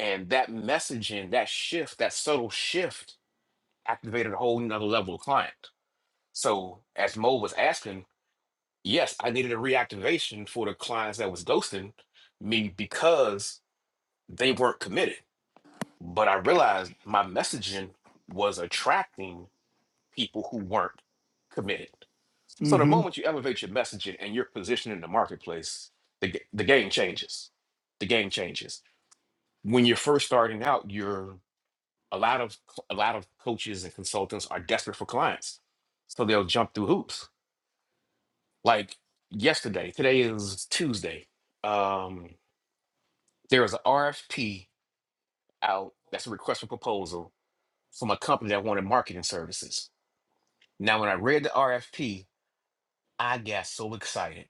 D: And that messaging, that shift, that subtle shift activated a whole nother level of client. So as Mo was asking, yes, I needed a reactivation for the clients that was ghosting me because they weren't committed. But I realized my messaging was attracting people who weren't committed. So the
C: hmm
D: moment you elevate your messaging and your position in the marketplace, the, g- the game changes. The game changes. When you're first starting out, you're a lot of a lot of coaches and consultants are desperate for clients, so they'll jump through hoops. Like yesterday, today is Tuesday. Um, there was an RFP out that's a request for proposal from a company that wanted marketing services. Now, when I read the RFP, I got so excited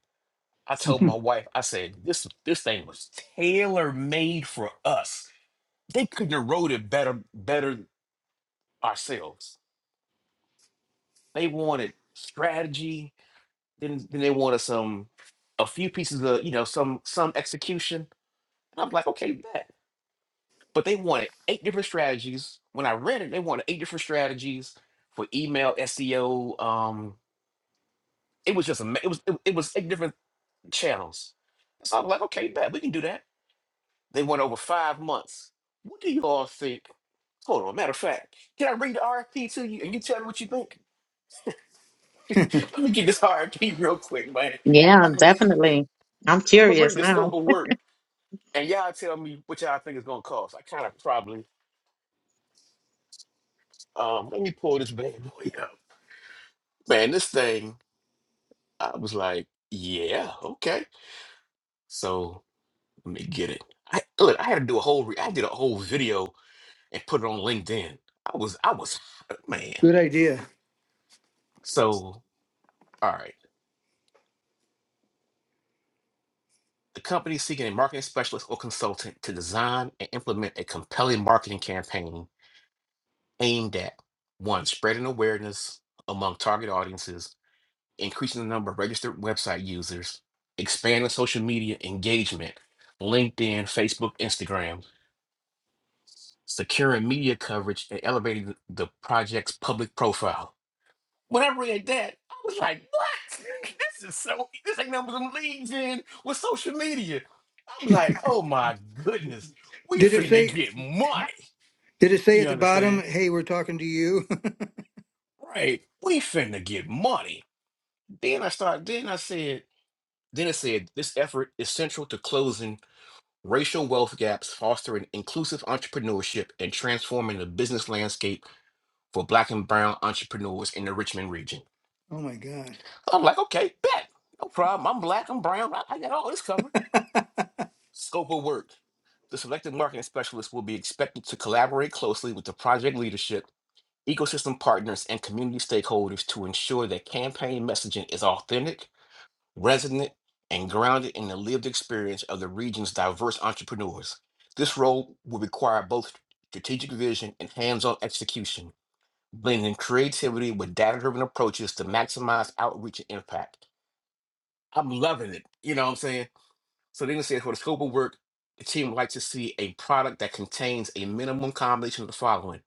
D: I told my wife, I said, this this thing was tailor made for us. They couldn't have wrote it better better ourselves. They wanted strategy, then then they wanted some a few pieces of, you know, some some execution. And I'm like, okay, bet. But they wanted eight different strategies. When I read it, they wanted eight different strategies for email, SEO. Um, it was just a it was it, it was eight different channels. So I'm like, okay, bet we can do that. They went over five months. What do you all think? Hold on. Matter of fact, can I read the RFP to you and you tell me what you think? Let me get this RFP real quick, man.
B: Yeah,
D: I'm gonna,
B: definitely. I'm
D: I'm gonna
B: curious
D: read the
B: now.
D: scope of work and y'all tell me what y'all think it's gonna cost. I kind of probably um let me pull this bad boy up. Man, this thing, I was like, yeah, okay. So let me get it. I look, I had to do a whole re- I did a whole video and put it on LinkedIn. I was I was man.
C: Good idea.
D: So all right. The company is seeking a marketing specialist or consultant to design and implement a compelling marketing campaign aimed at one, spreading awareness among target audiences, increasing the number of registered website users, expanding social media engagement, LinkedIn, Facebook, Instagram, securing media coverage, and elevating the project's public profile. When I read that, I was like, what? this is so, e-" this ain't nothing I'm leagues in with social media. I'm like, oh my goodness, we
C: Did it
D: finna
C: say?
D: get money.
C: Did it say at
D: You
C: the bottom?
D: understand?
C: Hey, we're talking to you.
D: Right. We finna get money. Then I started, then I said, then it said, this effort is central to closing racial wealth gaps, fostering inclusive entrepreneurship, and transforming the business landscape for black and brown entrepreneurs in the Richmond region.
C: oh my God!
D: I'm like, okay, bet. No problem. I'm black, I'm brown. I, I got all this covered. Scope of work. The selected marketing specialist will be expected to collaborate closely with the project leadership, ecosystem partners, and community stakeholders to ensure that campaign messaging is authentic, resonant, and grounded in the lived experience of the region's diverse entrepreneurs. This role will require both strategic vision and hands on execution, blending creativity with data driven approaches to maximize outreach and impact. I'm loving it. You know what I'm saying? So then it say for the scope of work, the team would like to see a product that contains a minimum combination of the following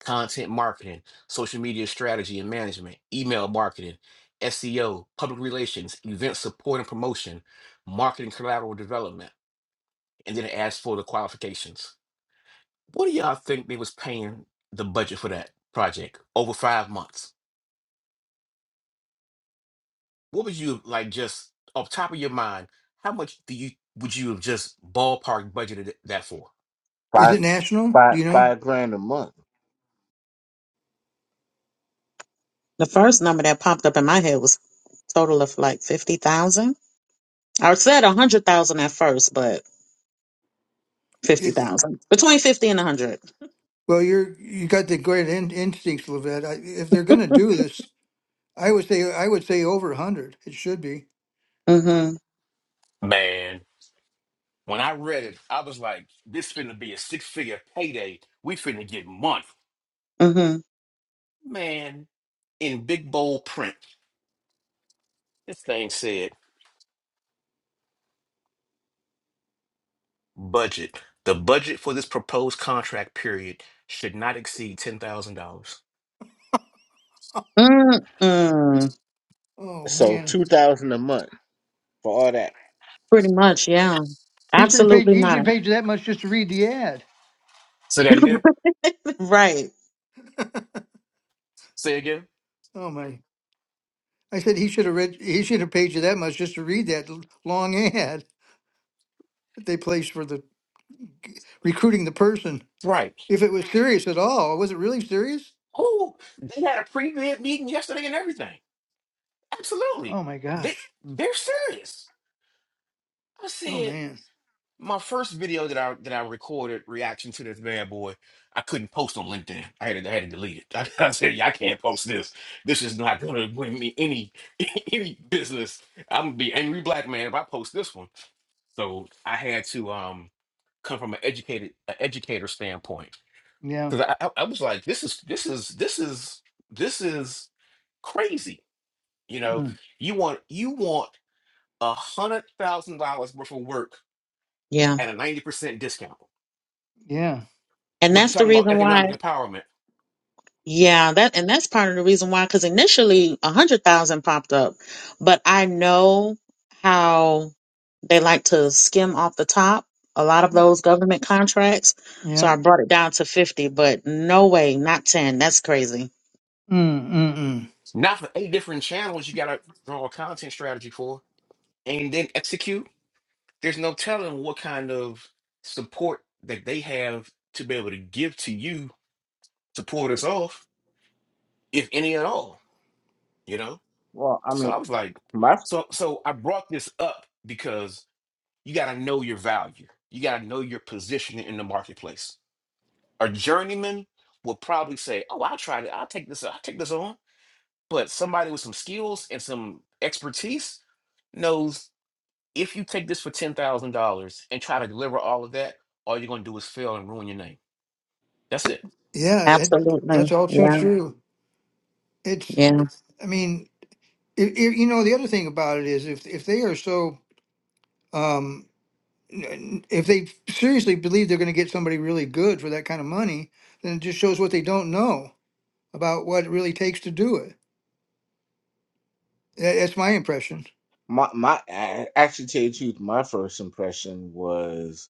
D: content marketing, social media strategy and management, email marketing, SEO, public relations, event support and promotion, marketing collateral development. And then it asks for the qualifications. What do y'all think they was paying the budget for that project over five months? What would you like just off top of your mind, how much do you would you have just ballpark budgeted that for?
C: Is
A: five
C: it national?
A: five
C: Do you know?
A: five grand a month
B: The first number that popped up in my head was total of like 50,000. I said 100,000 at first, but
C: It,
B: 50,000. Between 50 and 100.
C: well, you're you got the great in, instincts, Levette. I, if they're going to do this, I would say I would say over a hundred. It should be.
B: Mhm.
D: Man. When I read it, I was like, this finna be a six figure payday. We finna get money.
B: Mhm.
D: Man, in big bold print, this thing said budget. The budget for this proposed contract period should not exceed $10,000.
B: Mm-mm.
C: Oh
A: so
C: man,
A: two thousand a month for all that
B: Pretty much, yeah.
C: he should have paid.
B: Absolutely
C: He should have
B: not.
C: paid you that much just to read the ad.
D: Say that again.
B: right.
D: Say again?
C: Oh my! I said he should have read. He should have paid you that much just to read that l- long ad. that they placed for the g- recruiting the person.
D: Right.
C: If it was serious at all, was it really serious?
D: Oh, they had a pre bid meeting yesterday and everything. Absolutely.
C: Oh my
D: They,
C: gosh.
D: they're serious. I
C: Oh
D: said.
C: man.
D: my first video that I that I recorded reaction to this bad boy, I couldn't post on LinkedIn. I had to, I had to delete it. I, said, "Yeah, I can't post this. This is not going to bring me any any business. I'm gonna be angry black man if I post this one." So I had to um come from an educated an educator standpoint
C: Yeah.
D: because I, I I was like, "This is this is this is this is crazy." You know,
C: Mm.
D: you want you want a hundred thousand dollars worth of work
B: Yeah.
D: at a ninety percent discount
C: Yeah.
B: And
D: But
B: that's
D: you're
B: the
D: talking about
B: reason
D: economic
B: why,
D: empowerment.
B: yeah, that and that's part of the reason why, because initially a hundred thousand popped up, but I know how they like to skim off the top a lot of those government contracts, so
C: Yeah.
B: I brought it down to fifty. But no way, not ten. That's crazy.
C: Mm, mm, mm.
D: Not for eight different channels you got to draw a content strategy for and then execute. There's no telling what kind of support that they have to be able to give to you to pull this off, if any at all, you know?
A: well i
D: So I
A: mean
D: was like,
A: my
D: so so I brought this up because you got to know your value. You got to know your positioning in the marketplace. A journeyman will probably say, "Oh, I'll try to. I'll take this. I'll take this on." But somebody with some skills and some expertise knows if you take this for ten thousand dollars and try to deliver all of that, all you're gonna do is fail and ruin your name. That's it.
C: Yeah. It,
B: Absolutely,
C: that's all too
B: yeah,
C: true. It's.
B: yeah,
C: I mean, it, it, you know, the other thing about it is if if they are so. Um, n- n- if they seriously believe they're going to get somebody really good for that kind of money, then it just shows what they don't know about what it really takes to do it. Tha- That's my impression.
A: my my I- actually tell you the truth my first impression was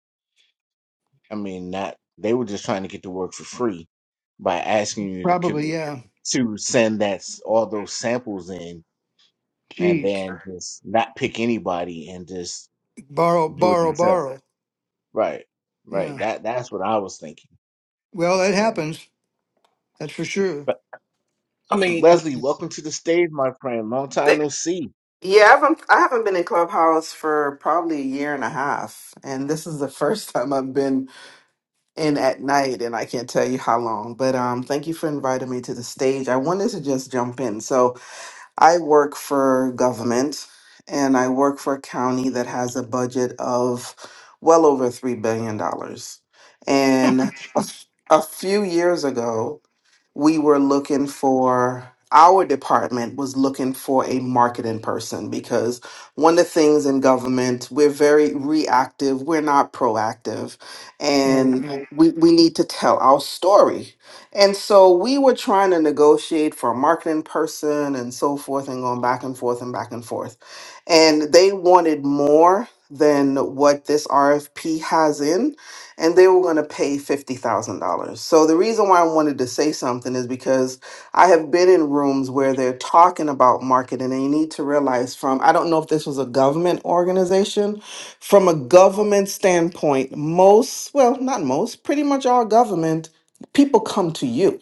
A: i mean not they were just trying to get to work for free by asking you to
C: Probably,
A: co-
C: yeah.
A: to send that s- all those samples in and
C: Jeez,
A: then just not pick anybody and just
C: borrow,
A: do it
C: borrow,
A: themselves.
C: borrow.
A: Right. Right.
C: Yeah.
A: That that's what I was thinking.
C: Well, that
A: Yeah.
C: happens. That's for sure.
A: But
D: I mean, th-
A: Leslie, welcome to the stage, my friend. Long time
E: Th-
A: no see.
E: Yeah, I haven't I haven't been in Clubhouse for probably a year and a half, and this is the first time I've been in at night, and I can't tell you how long. But um, thank you for inviting me to the stage. I wanted to just jump in. So I work for government, and I work for a county that has a budget of well over three billion dollars. And a,
C: Jeez.
E: f- a few years ago, we were looking for our department was looking for a marketing person because one of the things in government we're very reactive we're not proactive and
C: Right.
E: Right. we, we need to tell our story and so we were trying to negotiate for a marketing person and so forth and going back and forth and back and forth and they wanted more than what this rfp has in and they were going to pay $50,000. So the reason why I wanted to say something is because I have been in rooms where they're talking about marketing and you need to realize from I don't know if this was a government organization, from a government standpoint, most, well, not most, pretty much all government people come to you.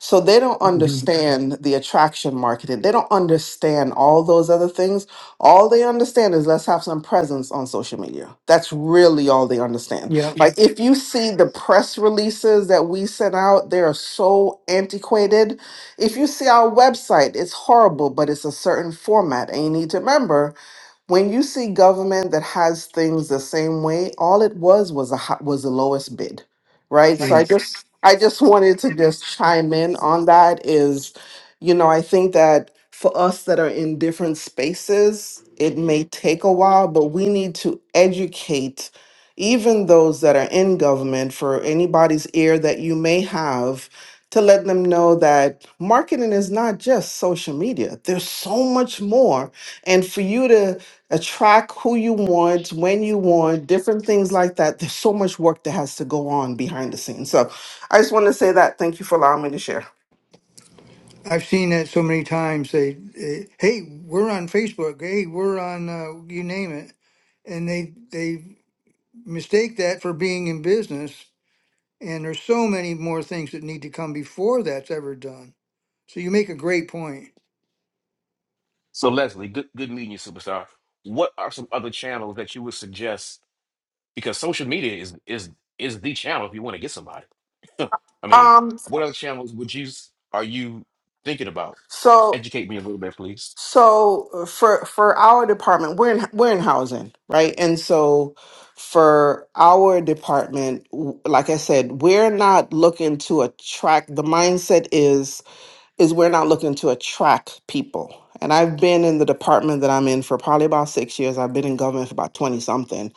E: So they don't
C: hmm
E: understand the attraction marketing. They don't understand all those other things. All they understand is let's have some presence on social media. That's really all they understand.
C: Yeah.
E: Like if you see the press releases that we sent out, they are so antiquated. If you see our website, it's horrible, but it's a certain format. And you need to remember when you see government that has things the same way, all it was was a hi- was the lowest bid, right? So I
C: Jeez.
E: just I just wanted to just chime in on that is, you know, I think that for us that are in different spaces, it may take a while, but we need to educate even those that are in government for anybody's ear that you may have to let them know that marketing is not just social media. There's so much more. And for you to attract who you want when you want different things like that there's so much work that has to go on behind the scenes so i just want to say that thank you for allowing me to share
C: I've seen that so many times. They, eh, hey, we're on Facebook. Hey, we're on, uh, you name it, and they they mistake that for being in business. And there's so many more things that need to come before that's ever done. So you make a great point.
D: so Leslie, good good meeting you, superstar. What are some other channels that you would suggest? Because social media is is is the channel if you want to get somebody. I mean,
E: um
D: what other channels would you s- are you thinking about?
E: so
D: Educate me a little bit, please.
E: so uh, for for our department we're in we're in housing right and so for our department w- like i said we're not looking to attract the mindset is is we're not looking to attract people. And I've been in the department that I'm in for probably about six years. I've been in government for about 20 something.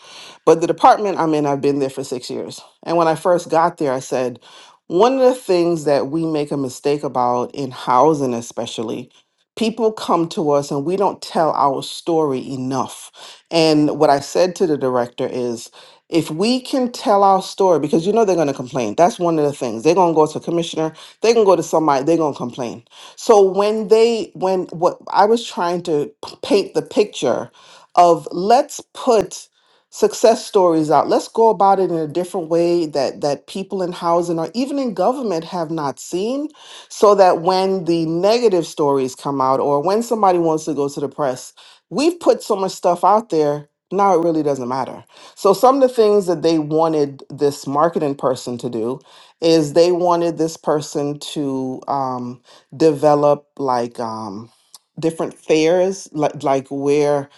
E: But the department I'm in, I've been there for six years. And when I first got there, I said, one of the things that we make a mistake about in housing, especially, people come to us and we don't tell our story enough. And what I said to the director is, if we can tell our story, because you know they're going to complain. That's one of the things. They're going to go to commissioner they can go to somebody they're going to complain so when they when what i was trying to p- paint the picture of let's put success stories out let's go about it in a different way that that people in housing or even in government have not seen so that when the negative stories come out or when somebody wants to go to the press we've put so much stuff out there now it really doesn't matter so some of the things that they wanted this marketing person to do is they wanted this person to um, develop like um, different fairs, like like where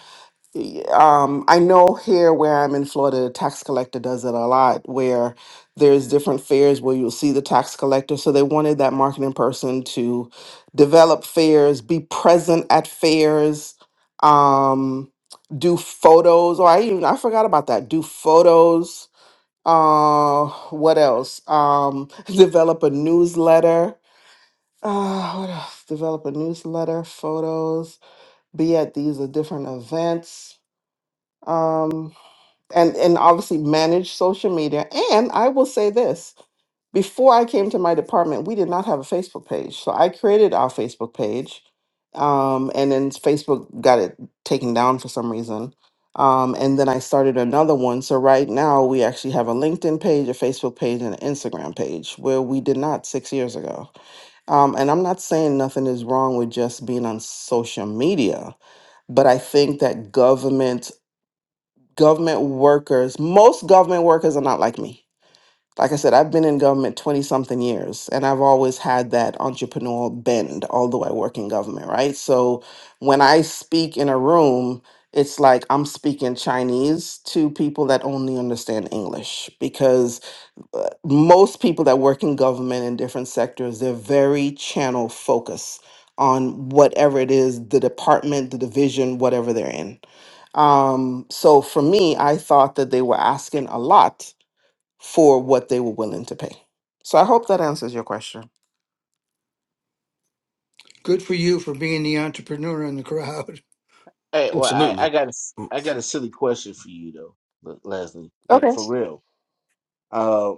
E: y- um, I know here where I'm in Florida, the tax collector does it a lot, where there's different fairs where you'll see the tax collector. So they wanted that marketing person to develop fairs, be present at fairs. Um, do photos, or I even I forgot about that. Do photos, uh, what else? Um, develop a newsletter. Uh, what else? Develop a newsletter, photos, be at these uh, different events. Um and and obviously manage social media and i will say this before i came to my department we did not have a facebook page so i created our facebook page um, and then facebook got it taken down for some reason um, and then i started another one so right now we actually have a linkedin page a facebook page and an instagram page where we did not six years ago um, and i'm not saying nothing is wrong with just being on social media but i think that government government workers, most government workers are not like me. Like I said, I've been in government 20 something years and I've always had that entrepreneurial bend, although I work in government, right? So when I speak in a room, it's like I'm speaking Chinese to people that only understand English because uh, most people that work in government in different sectors, they're very channel focused on whatever it is the department, the division, whatever they're in um, so for me, I thought that they were asking a lot for what they were willing to pay. So I hope that answers your question.
C: Good for you for being the entrepreneur in the crowd.
A: Hey, well, I,
D: Absolutely.
A: I got a, s- I got a silly question for you though, Le- Leslie. Like
E: Okay.
A: for real. Uh,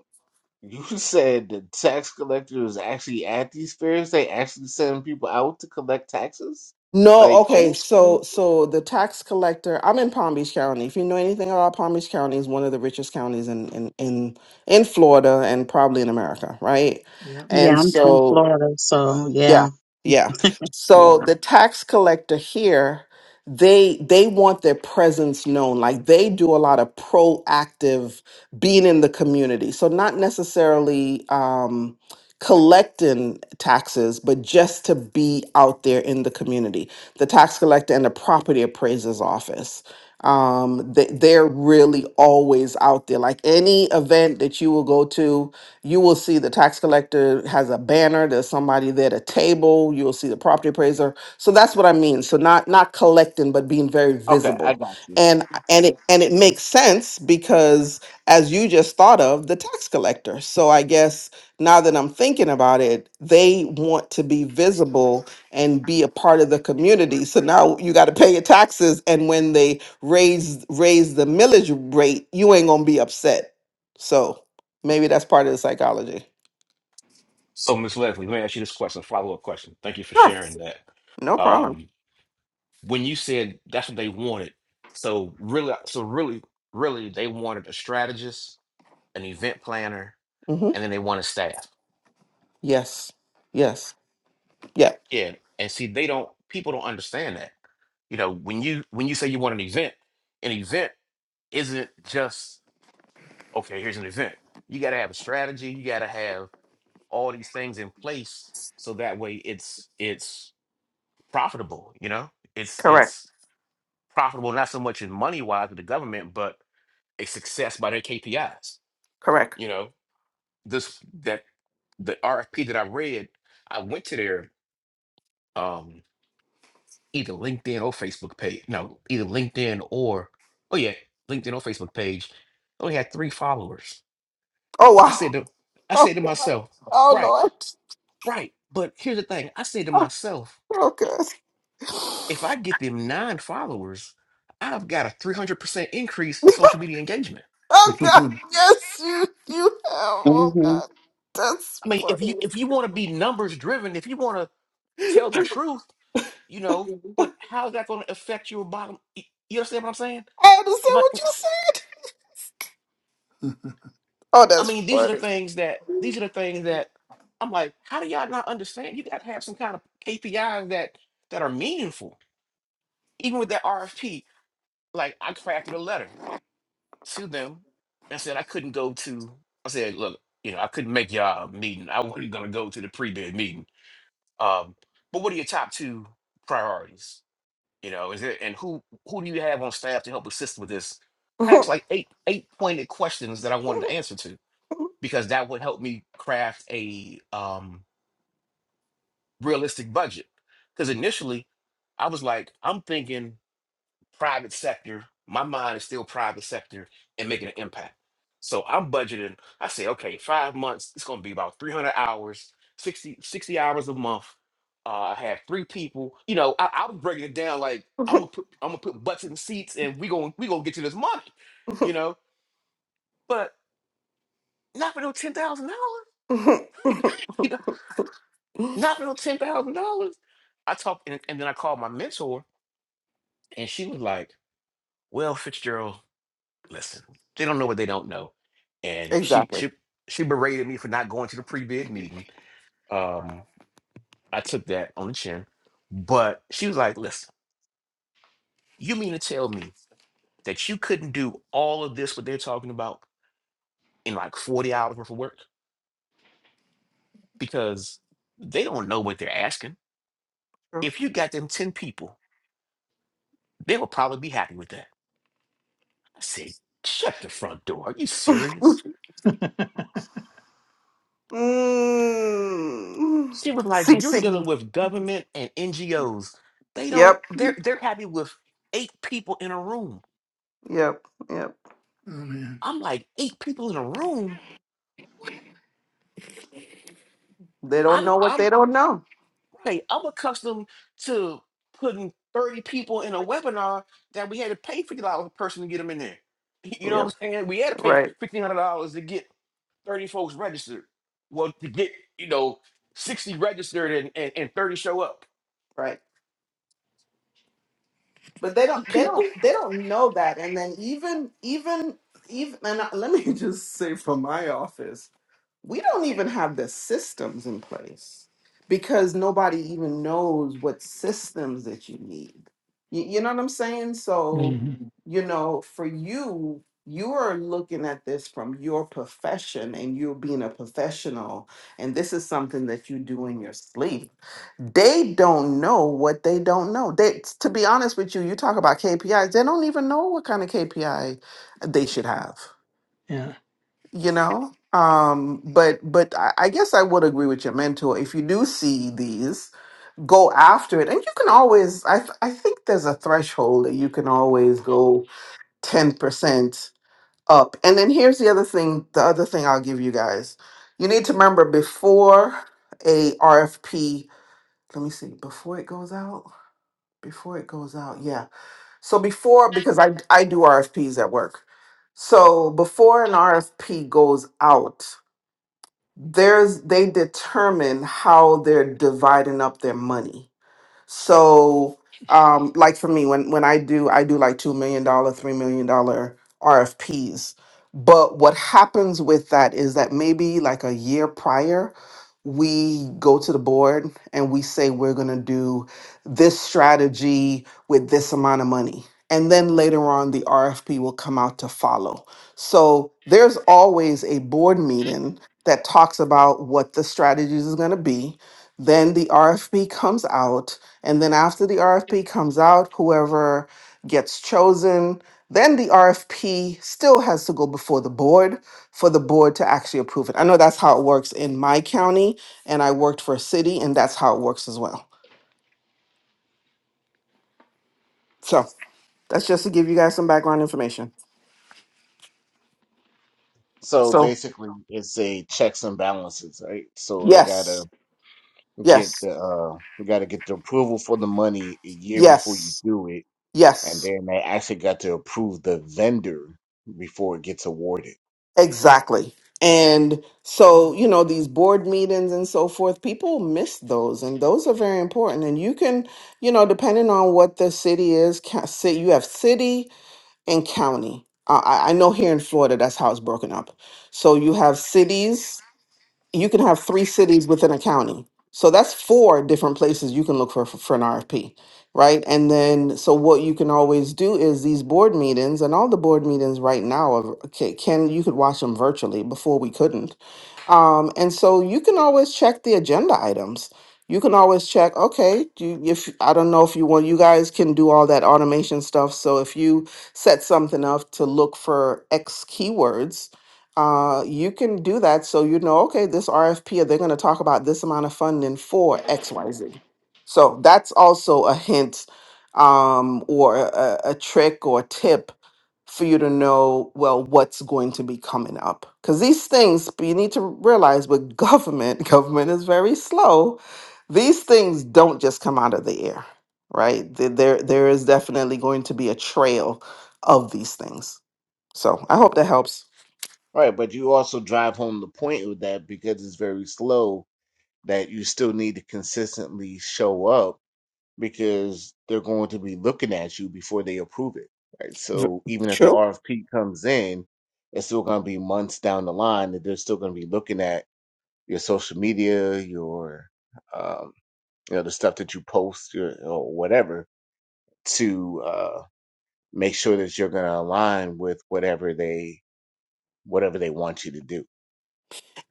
A: you said the tax collectors actually at these fairs. They actually send people out to collect taxes,
E: No,
A: like
E: okay.
A: old
E: So
A: school.
E: so the tax collector, I'm in Palm Beach County. If you know anything about Palm Beach County, is one of the richest counties in in in in Florida and probably in America, right?
C: Yeah.
B: yeah.
E: And
B: I'm from
E: so.
B: Florida, so
E: Yeah,
B: yeah,
E: yeah. So
B: yeah.
E: the tax collector here, they they want their presence known. Like they do a lot of proactive being in the community. So not necessarily. Um, collecting taxes, but just to be out there in the community. The tax collector and the property appraiser's office. Um, they, they're really always out there. Like any event that you will go to, you will see the tax collector has a banner. There's somebody there at a table. You will see the property appraiser. So that's what I mean. So not not collecting, but being very
A: Okay, I
E: visible.
A: got you.
E: And and it and it makes sense because as you just thought of the tax collector. So I guess now that I'm thinking about it, they want to be visible and be a part of the community. So now you got to pay your taxes, and when they raise raise the millage rate, you ain't gonna be upset. So maybe that's part of the psychology.
D: So, Miss Leslie, let me ask you this question, follow up question. Thank you for sharing
E: Yes,
D: that.
E: no problem.
D: Um, when you said that's what they wanted, so really, so really, really, they wanted a strategist, an event planner,
E: hmm
D: and then they wanted staff.
E: Yes, yes, yeah,
D: Yeah, and see, they don't. People don't understand that. You know, when you when you say you want an event, an event isn't just okay. Here's an event. You got to have a strategy. You got to have all these things in place so that way it's it's profitable. You know, it's
E: correct,
D: it's profitable not so much in money wise with the government, but a success by their KPIs.
E: correct.
D: You know, this that the RFP that I read, I went to their um either LinkedIn or Facebook page. No, either LinkedIn or oh yeah, LinkedIn or Facebook page. Only had three followers.
E: Oh
D: I
E: wow!
D: said to I said
E: Oh,
D: to
E: Yeah.
D: myself,
E: oh
D: right,
E: Lord!
D: right. But here's the thing. I said to myself,
E: Oh God!
D: If I get them nine followers, I've got a 300% increase in social media engagement.
E: Oh God!
C: oh
E: Yes, you you have. Oh
B: hmm
E: God! That's.
D: I
E: I
D: mean, if you if
E: understand
D: you want to be numbers driven, if you want to tell the truth, you know, but how's that going to affect your bottom? y- You understand what I'm saying? If I,
E: what
D: if-
E: you said. Oh,
D: I
E: that's
D: mean, these are the
E: funny.
D: things that these are the things that I'm like, how do y'all not understand? You got to have some kind of KPIs that that are meaningful. Even with that RFP, like I crafted a letter. to them and said I couldn't go to. I said, look, you know, I couldn't make y'all meeting. I wasn't gonna go to the pre bid meeting. Um, but what are your top two priorities? You know, is it and who who do you have on staff to help assist with this? I asked like eight eight pointed questions that I wanted to answer to because that would help me craft a um realistic budget. Because initially, I was like, I'm thinking private sector. My mind is still private sector and making an impact. So I'm budgeting. I say, okay, five months, it's going to be about 300 hours, 60 60 hours a month. Uh, I have three people. You know, I, I was breaking it down like I'm gonna put I'm gonna put butts in seats and we going to we gonna get to this money, you know. But not for no ten thousand dollars, you know, not for no ten thousand dollars. I talked and, and then I called my mentor and she was like, "Well, Fitzgerald, listen, they don't know what they don't know. And she
E: exactly.
D: she she berated me for not going to the pre-bid meeting. Um, I took that on the chin. But she was like, listen, you mean to tell me that you couldn't do all of this what they're talking about in like 40 hours worth of work? Because they don't know what they're asking. If you got them 10 people, they will probably be happy with that. I said, shut the front door. Are you serious?
E: Mm.
D: She was like,
E: See,
D: "You're
E: see.
D: dealing with government and NGOs. They don't.
E: Yep,
D: They're they're happy with eight people in a room."
E: yep, yep.
C: man.
D: I'm like, eight people in a room.
E: They don't
D: I'm
E: know what
D: I'm
E: they don't know.
D: right. I'm accustomed to putting thirty people in a webinar that we had to pay fifty dollars a person to get them in there. You know
E: Yep,
D: what I'm saying? We had to pay
E: right,
D: fifteen hundred dollars to get thirty folks registered. Well, to get you know sixty registered and and, and thirty show up.
E: right. but they don't
D: Eight
E: they don't
D: people.
E: they don't know that and then even even even and I- let me just say from my office we don't even have the systems in place because nobody even knows what systems that you need you, you know what i'm saying so you know for you you are looking at this from your profession and you're being a professional and this is something that you do in your sleep they don't know what they don't know. They, to be honest with you, you talk about KPIs. They don't even know what kind of KPI they should have.
C: Yeah.
E: You know. Um. But but I, I guess I would agree with your mentor. If you do see these, go after it and you can always i th- i think there's a threshold that you can always go 10% up and then here's the other thing the other thing i'll give you guys you need to remember before a rfp let me see before it goes out before it goes out yeah so before because i i do rfps at work so before an rfp goes out there's they determine how they're dividing up their money so, um, like for me, when when I do, I do like two million dollar, three million dollar RFPs. But what happens with that is that maybe like a year prior, we go to the board and we say we're going to do this strategy with this amount of money. And then later on, the RFP will come out to follow. So there's always a board meeting that talks about what the strategies is going to be. Then the RFP comes out and then after the RFP comes out, whoever gets chosen, then the RFP still has to go before the board for the board to actually approve it. I know that's how it works in my county, and I worked for a city, and that's how it works as well. So that's just to give you guys some background information.
A: So
E: So,
A: basically, it's a checks and balances, right? So they gotta
E: yes,
A: get
E: yes,
A: the uh we got to get the approval for the money a year before you
E: yes,
A: do it
E: yes.
A: and then they actually got to approve the vendor before it gets awarded
E: Exactly. And so,
A: Mhm.
E: you know, these board meetings and so forth, people miss those, and those are very important. And you can, you know, depending on what the city is, ca- ci- you have city and county. I, I I know here in Florida, that's how it's broken up. So you have cities you can have three cities within a county. So that's four different places you can look for for, for an RFP, right? And then, so what you can always do is these board meetings, and all the board meetings right now, are, okay, can you could watch them virtually. Before we couldn't, um, and so you can always check the agenda items. You can always check, okay, do you, if I don't know if you want, you guys can do all that automation stuff. So if you set something up to look for X keywords, uh, you can do that. So you know, okay, this RFP, they're going to talk about this amount of funding for XYZ. So that's also a hint um, or a, a a trick or tip for you to know well what's going to be coming up because these things you need to realize with government government is very slow these things don't just come out of the air right Th- there there is definitely going to be a trail of these things so i hope that helps
A: All right but you also drive home the point with that because it's very slow that you still need to consistently show up because they're going to be looking at you before they approve it right
E: V-
A: so even if the
E: true
A: RFP comes in it's still going to be months down the line that they're still going to be looking at your social media your um, you know the stuff that you post or, or whatever to uh, make sure that you're going to align with whatever they whatever they want you to do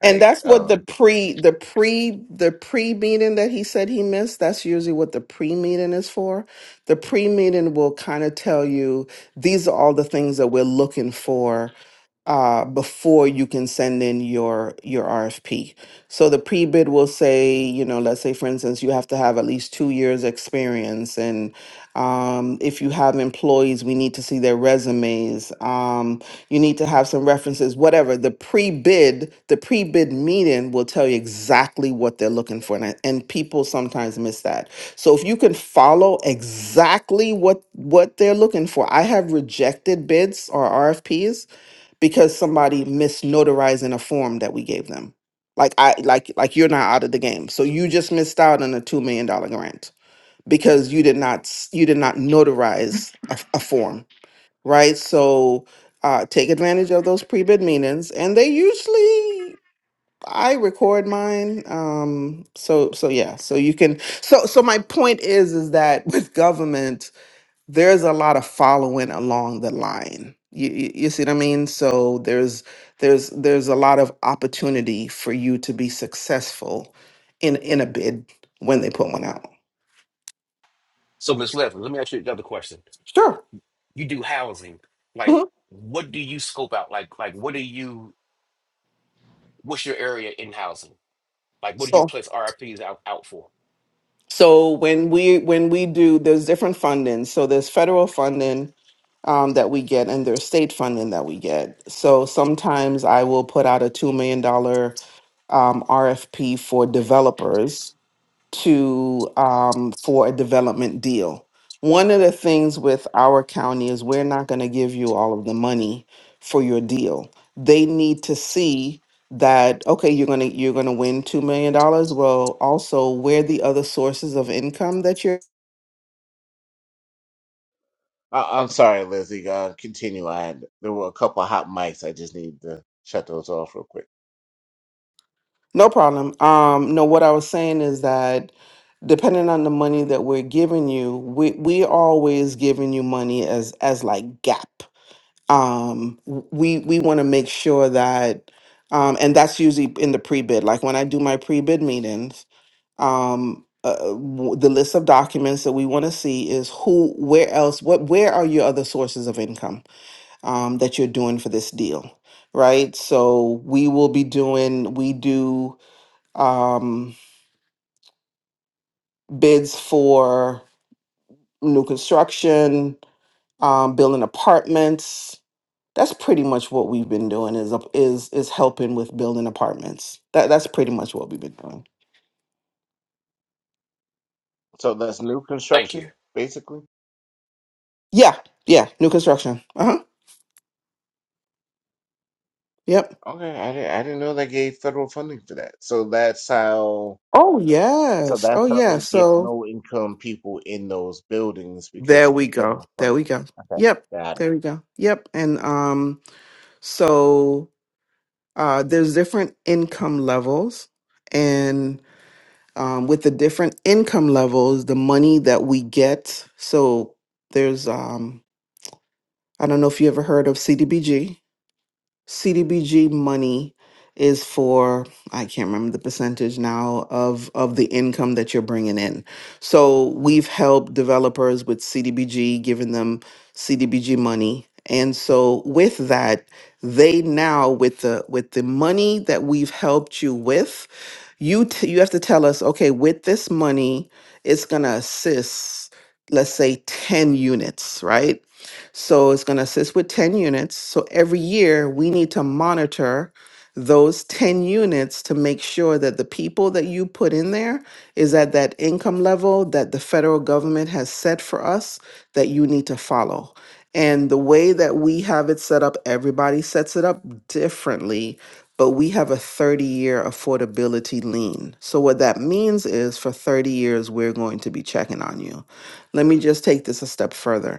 E: And
A: right
E: that's what the
A: um
E: pre the pre the pre meeting that he said he missed, that's usually what the pre meeting is for. The pre meeting will kind of tell you these are all the things that we're looking for uh, before you can send in your your RFP. So the pre-bid will say, you know, let's say for instance, you have to have at least two years experience, and um, if you have employees, we need to see their resumes. Um, you need to have some references, whatever. The pre-bid, the pre-bid meeting will tell you exactly what they're looking for, and I- and people sometimes miss that. So if you can follow exactly what what they're looking for, I have rejected bids or RFPs because somebody misnotarizing a form that we gave them. Like I like like you're not out of the game. So you just missed out on a two million dollar grant because you did not s- you did not notarize a, a form, right? So uh, take advantage of those pre bid meetings, and they usually I record mine. Um, so so yeah, so you can so so my point is is that with government there's a lot of following along the line. You, you you see what I mean? So there's there's there's a lot of opportunity for you to be successful in in a bid when they put one out.
D: So Miss Levin, let me ask you another question
E: Sure.
D: you do housing like
E: Mhm.
D: what do you scope out like like what do you what's your area in housing like what do you
E: So
D: place rfps out, out for
E: so when we when we do there's different funding. So there's federal funding um, that we get and there's state funding that we get. So sometimes I will put out a two million dollar um, RFP for developers to um, for a development deal. One of the things with our county is we're not going to give you all of the money for your deal. They need to see that okay, you're gonna you're gonna win two million dollars. Well, also where the other sources of income that you're
A: I, i'm sorry lizzie uh continue i had there were a couple of hot mics i just need to shut those off real quick
E: no problem. Um, no, what I was saying is that depending on the money that we're giving you, we we always giving you money as as like gap. um w- we we want to make sure that um and that's usually in the pre-bid like when i do my pre-bid meetings um uh, w- the list of documents that we want to see is who where else what where are your other sources of income um that you're doing for this deal right so we will be doing we do um bids for new construction um building apartments That's pretty much what we've been doing is up is is helping with building apartments. That that's pretty much what we've been doing.
A: so that's new
D: thank you
A: construction basically
E: Yeah, yeah, new construction. Uh huh. Yep.
A: okay i didn't, I didn't know they gave federal funding for that so that's how
E: Oh
A: so
E: yes.
A: that's
E: Oh
A: how
E: yeah.
A: they get
E: So
A: low income people in those buildings because
E: there
A: of the
E: we go.
A: federal
E: There we
A: funding
E: go.
A: okay
E: Yep.
A: got it.
E: There we go. Yep. And um, so uh, there's different income levels, and um, with the different income levels, the money that we get. So there's um, I don't know if you ever heard of CDBG. CDBG money is for I can't remember the percentage now of of the income that you're bringing in. So we've helped developers with CDBG, giving them CDBG money. And so with that, they now with the with the money that we've helped you with, you t- you have to tell us, okay, with this money, it's going to assist let's say 10 units, right? So it's going to assist with 10 units. So every year we need to monitor those 10 units to make sure that the people that you put in there is at that income level that the federal government has set for us that you need to follow. And the way that we have it set up, everybody sets it up differently, but we have a 30 year affordability lien. So, what that means is for 30 years, we're going to be checking on you. Let me just take this a step further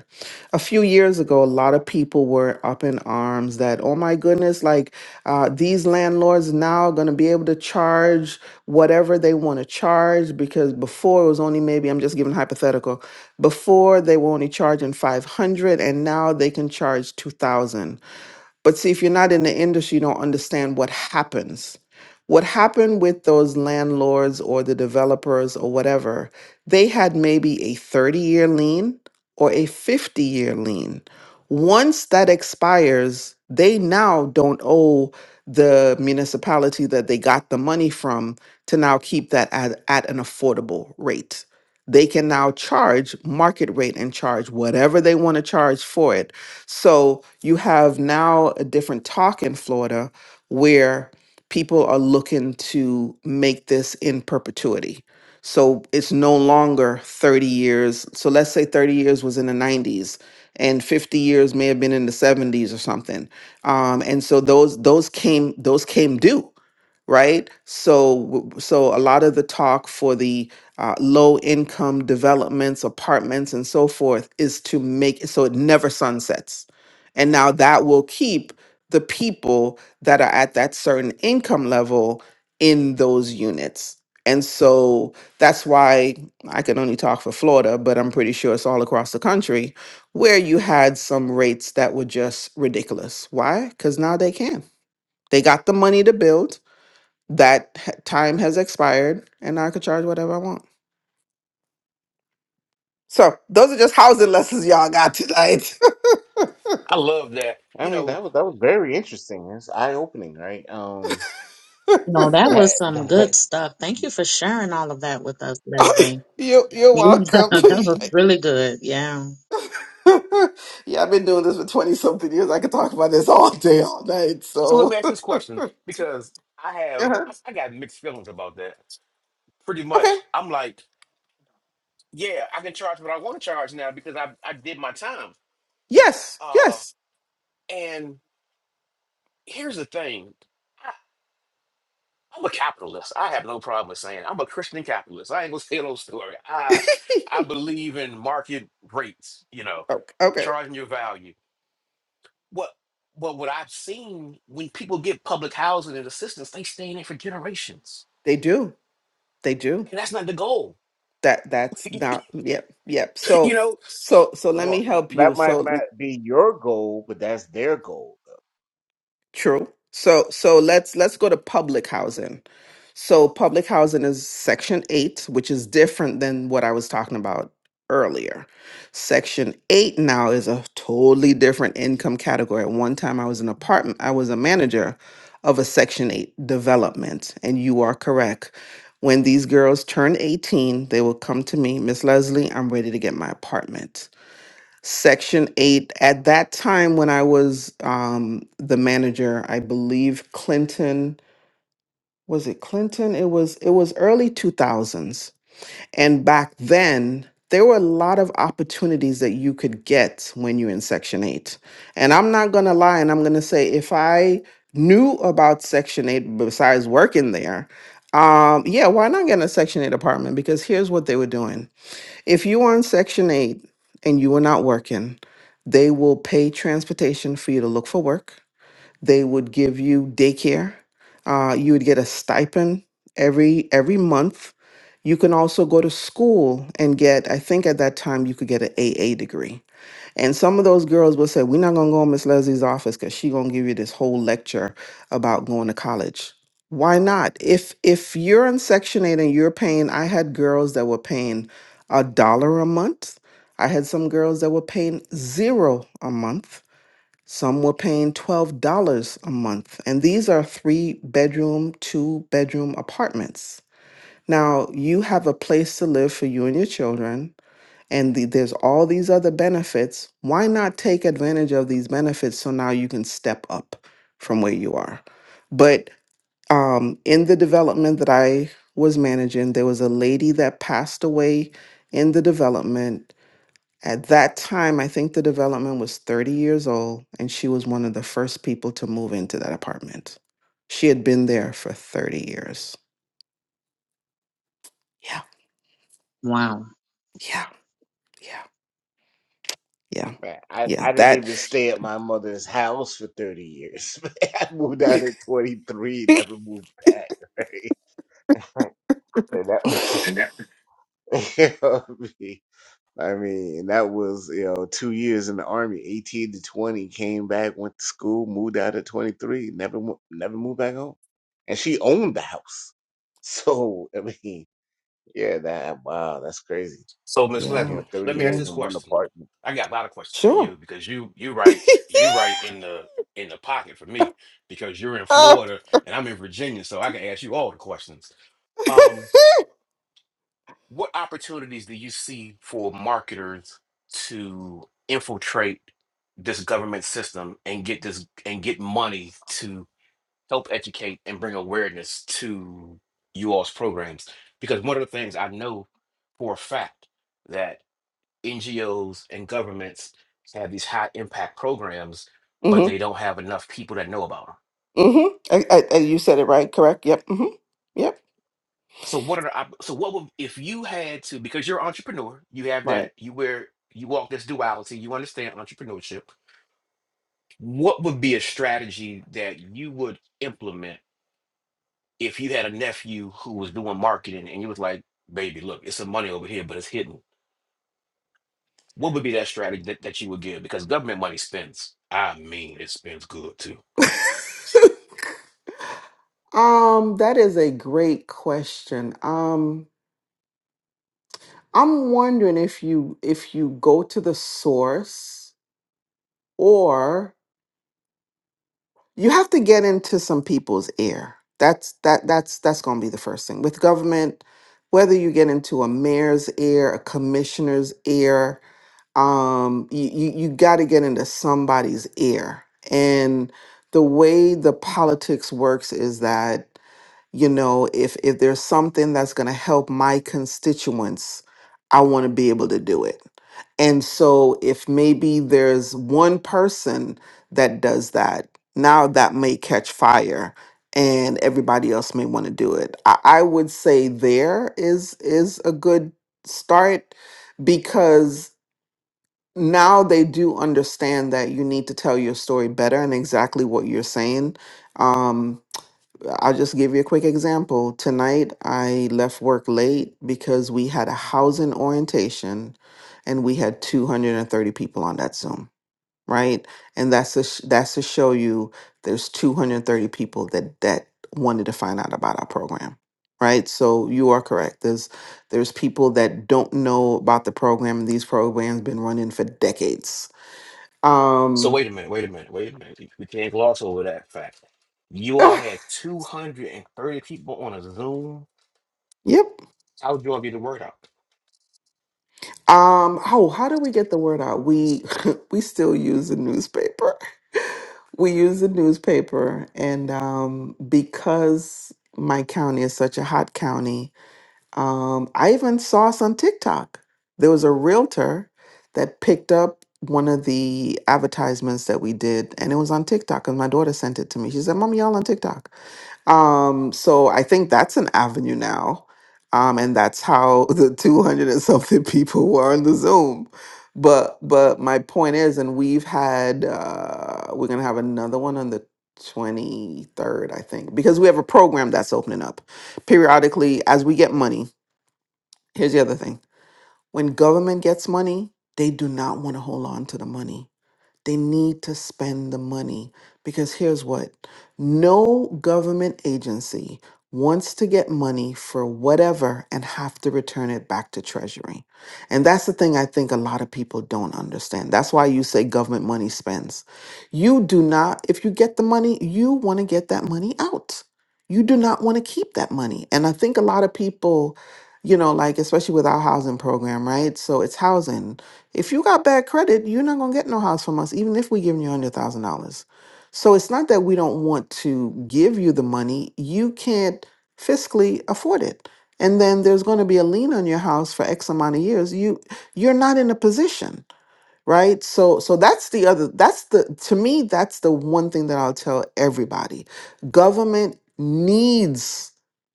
E: a few years ago, a lot of people were up in arms that, oh my goodness, like uh, these landlords now going to be able to charge whatever they want to charge because before it was only maybe, I'm just giving hypothetical, before they were only charging 500 and now they can charge 2000 but see, if you're not in the industry, you don't understand what happens. What happened with those landlords or the developers or whatever, they had maybe a 30 year lien or a 50 year lien. Once that expires, they now don't owe the municipality that they got the money from to now keep that at, at an affordable rate. They can now charge market rate and charge whatever they want to charge for it so you have now a different talk in Florida where people are looking to make this in perpetuity. So it's no longer 30 years. So let's say 30 years was in the 90s and 50 years may have been in the 70s or something. Um, and so those those came those came due right? So, w- so a lot of the talk for the uh, low income developments, apartments, and so forth is to make it so it never sunsets, and now that will keep the people that are at that certain income level in those units. And so that's why I can only talk for Florida, but I'm pretty sure it's all across the country where you had some rates that were just ridiculous. Why? Because now they can. They got the money to build that h- time has expired and I could charge whatever I want. So those are just housing lessons y'all got tonight.
D: i love that
A: I
D: you
A: mean,
D: know
A: that was that was very interesting. It's eye-opening, right? Um,
B: No, that
A: that
B: was some
A: that
B: good
A: that-
B: stuff. Thank you for sharing all of that with us, Leslie.
E: you you're
B: Yeah,
E: welcome.
B: that was really good. Yeah.
E: yeah, I've been doing this for twenty something years. I could talk about this all day, all night.
D: so let me
E: So
D: ask this question because i have
E: uh
D: i, I got mixed feelings about that pretty
E: okay,
D: much i'm like yeah i can charge what i want to charge now because i i did my time
E: yes,
D: uh
E: yes.
D: and here's the thing I'm a capitalist. I have no problem with saying I'm a Christian capitalist. I ain't gonna say no story. I I believe in market rates, you know,
E: okay, okay,
D: charging your value. What but what I've seen when people get public housing and assistance, they stay in it for generations.
E: they do, they do.
D: And that's not the goal.
E: That that's not yep, yep. So
D: You know?
E: so so let me
A: well,
E: help
A: that
E: you.
A: might
E: So
A: might be your goal, but that's their goal.
E: true. So so let's let's go to public housing So public housing is section eight, which is different than what I was talking about earlier. Section eight now is a totally different income category. At one time I was an apartment, I was a manager of a section eight development. And you are correct. When these girls turn 18, they will come to me, Miss Leslie, I'm ready to get my apartment. Section 8, at that time when I was um, the manager, I believe Clinton was it Clinton? It was it was early 2000s. And back then, there were a lot of opportunities that you could get when you're in section 8. And I'm not going to lie and I'm going to say if I knew about section 8 besides working there, um yeah, why not get a section 8 apartment because here's what they were doing. If you were in section 8 and you were not working, they will pay transportation for you to look for work they would give you daycare. Uh, you would get a stipend every every month. You can also go to school and get. I think at that time you could get an AA degree. And some of those girls will say, "We're not gonna go in Miss Leslie's office because she gonna give you this whole lecture about going to college." Why not? If if you're in Section Eight and you're paying, I had girls that were paying a dollar a month. I had some girls that were paying zero a month. Some were paying $12 a month. And these are three bedroom, two bedroom apartments. Now, you have a place to live for you and your children, and the, there's all these other benefits. Why not take advantage of these benefits so now you can step up from where you are? But um, in the development that I was managing, there was a lady that passed away in the development at that time, I think the development was 30 years old, and she was one of the first people to move into that apartment. She had been there for 30 years. Yeah,
B: Wow.
E: yeah, yeah, yeah,
A: Man, I
E: yeah.
A: I didn't
E: That,
A: even stay at my mother's house for thirty years. I moved out at twenty-three, never moved back. Right? And that was, you know what I mean? I mean, that was, you know, two years in the army, 18 to 20, came back, went to school, moved out at 23, never, mo- never moved back home. And she owned the house. So, I mean, yeah, that, wow, that's crazy.
D: So Miss
A: You
E: yeah,
D: Leslie,
A: know, 30
D: let me ask
E: yeah,
A: years
D: this
A: in one
D: question.
A: apartment.
D: I got a lot of questions for
E: sure.
D: you because you you right, you right in the in the pocket for me because you're in
E: uh,
D: Florida and I'm in Virginia, so I can ask you all the questions. Um, what opportunities do you see for marketers to infiltrate this government system and get this and get money to help educate and bring awareness to you all's programs? Because one of the things I know for a fact that NGOs and governments have these high impact programs, but they
E: mm-hmm,
D: don't have enough people that know about them.
E: mm-hmm. I, I, I- you said it right, correct? Yep, mm-hmm, yep,
D: So what are the op- so what would if you had to because you're an entrepreneur, you have
E: right.
D: that you wear you walk this duality, you understand entrepreneurship. What would be a strategy that you would implement if you had a nephew who was doing marketing and you was like, baby, look, it's some money over here, but it's hidden. What would be that strategy that, that you would give? Because government money spends. I mean, it spends good too.
E: um, that is a great question. Um, I'm wondering if you if you go to the source or you have to get into some people's ear. That's that that's that's going to be the first thing. With government whether you get into a mayor's ear, a commissioner's ear, um you you, you got to get into somebody's ear. And the way the politics works is that you know if if there's something that's going to help my constituents i want to be able to do it and so if maybe there's one person that does that now that may catch fire and everybody else may want to do it I, I would say there is is a good start because now they do understand that you need to tell your story better and exactly what you're saying Um, I'll just give you a quick example. Tonight, I left work late because we had a housing orientation and we had 230 people on that Zoom, right? And that's to, sh- that's to show you there's 230 people that that wanted to find out about our program, right? So you are correct. There's there's people that don't know about the program. These programs been running for decades.
D: So
E: Um,
D: wait a minute, wait a minute, wait a minute. We can't gloss over that fact. You all had 230 people on a Zoom
E: yep.
D: How do I get the word out?
E: Um, oh, how do we get the word out? We we still use the newspaper. We use the newspaper and um because my county is such a hot county, um, I even saw us on TikTok. There was a realtor that picked up one of the advertisements that we did and it was on TikTok and my daughter sent it to me. She said, Mom, y'all on TikTok. Um, so I think that's an avenue now. Um, and that's how the 200 and something people were on the Zoom. But but my point is, and we've had uh, we're gonna have another one on the 23rd, I think, because we have a program that's opening up periodically as we get money. Here's the other thing. When government gets money, they do not want to hold on to the money they need to spend the money because here's what no government agency wants to get money for whatever and have to return it back to Treasury. And that's the thing I think a lot of people don't understand. That's why you say government money spends. You do not, if you get the money, you want to get that money out. You do not want to keep that money. And I think a lot of people, you know, like especially with our housing program, right? So it's housing. If you got bad credit, you're not gonna get no house from us, even if we giving you a hundred thousand dollars. So it's not that we don't want to give you the money; you can't fiscally afford it. And then there's going to be a lien on your house for X amount of years. You you're not in a position right so so that's the other that's the to me that's the one thing that i'll tell everybody government needs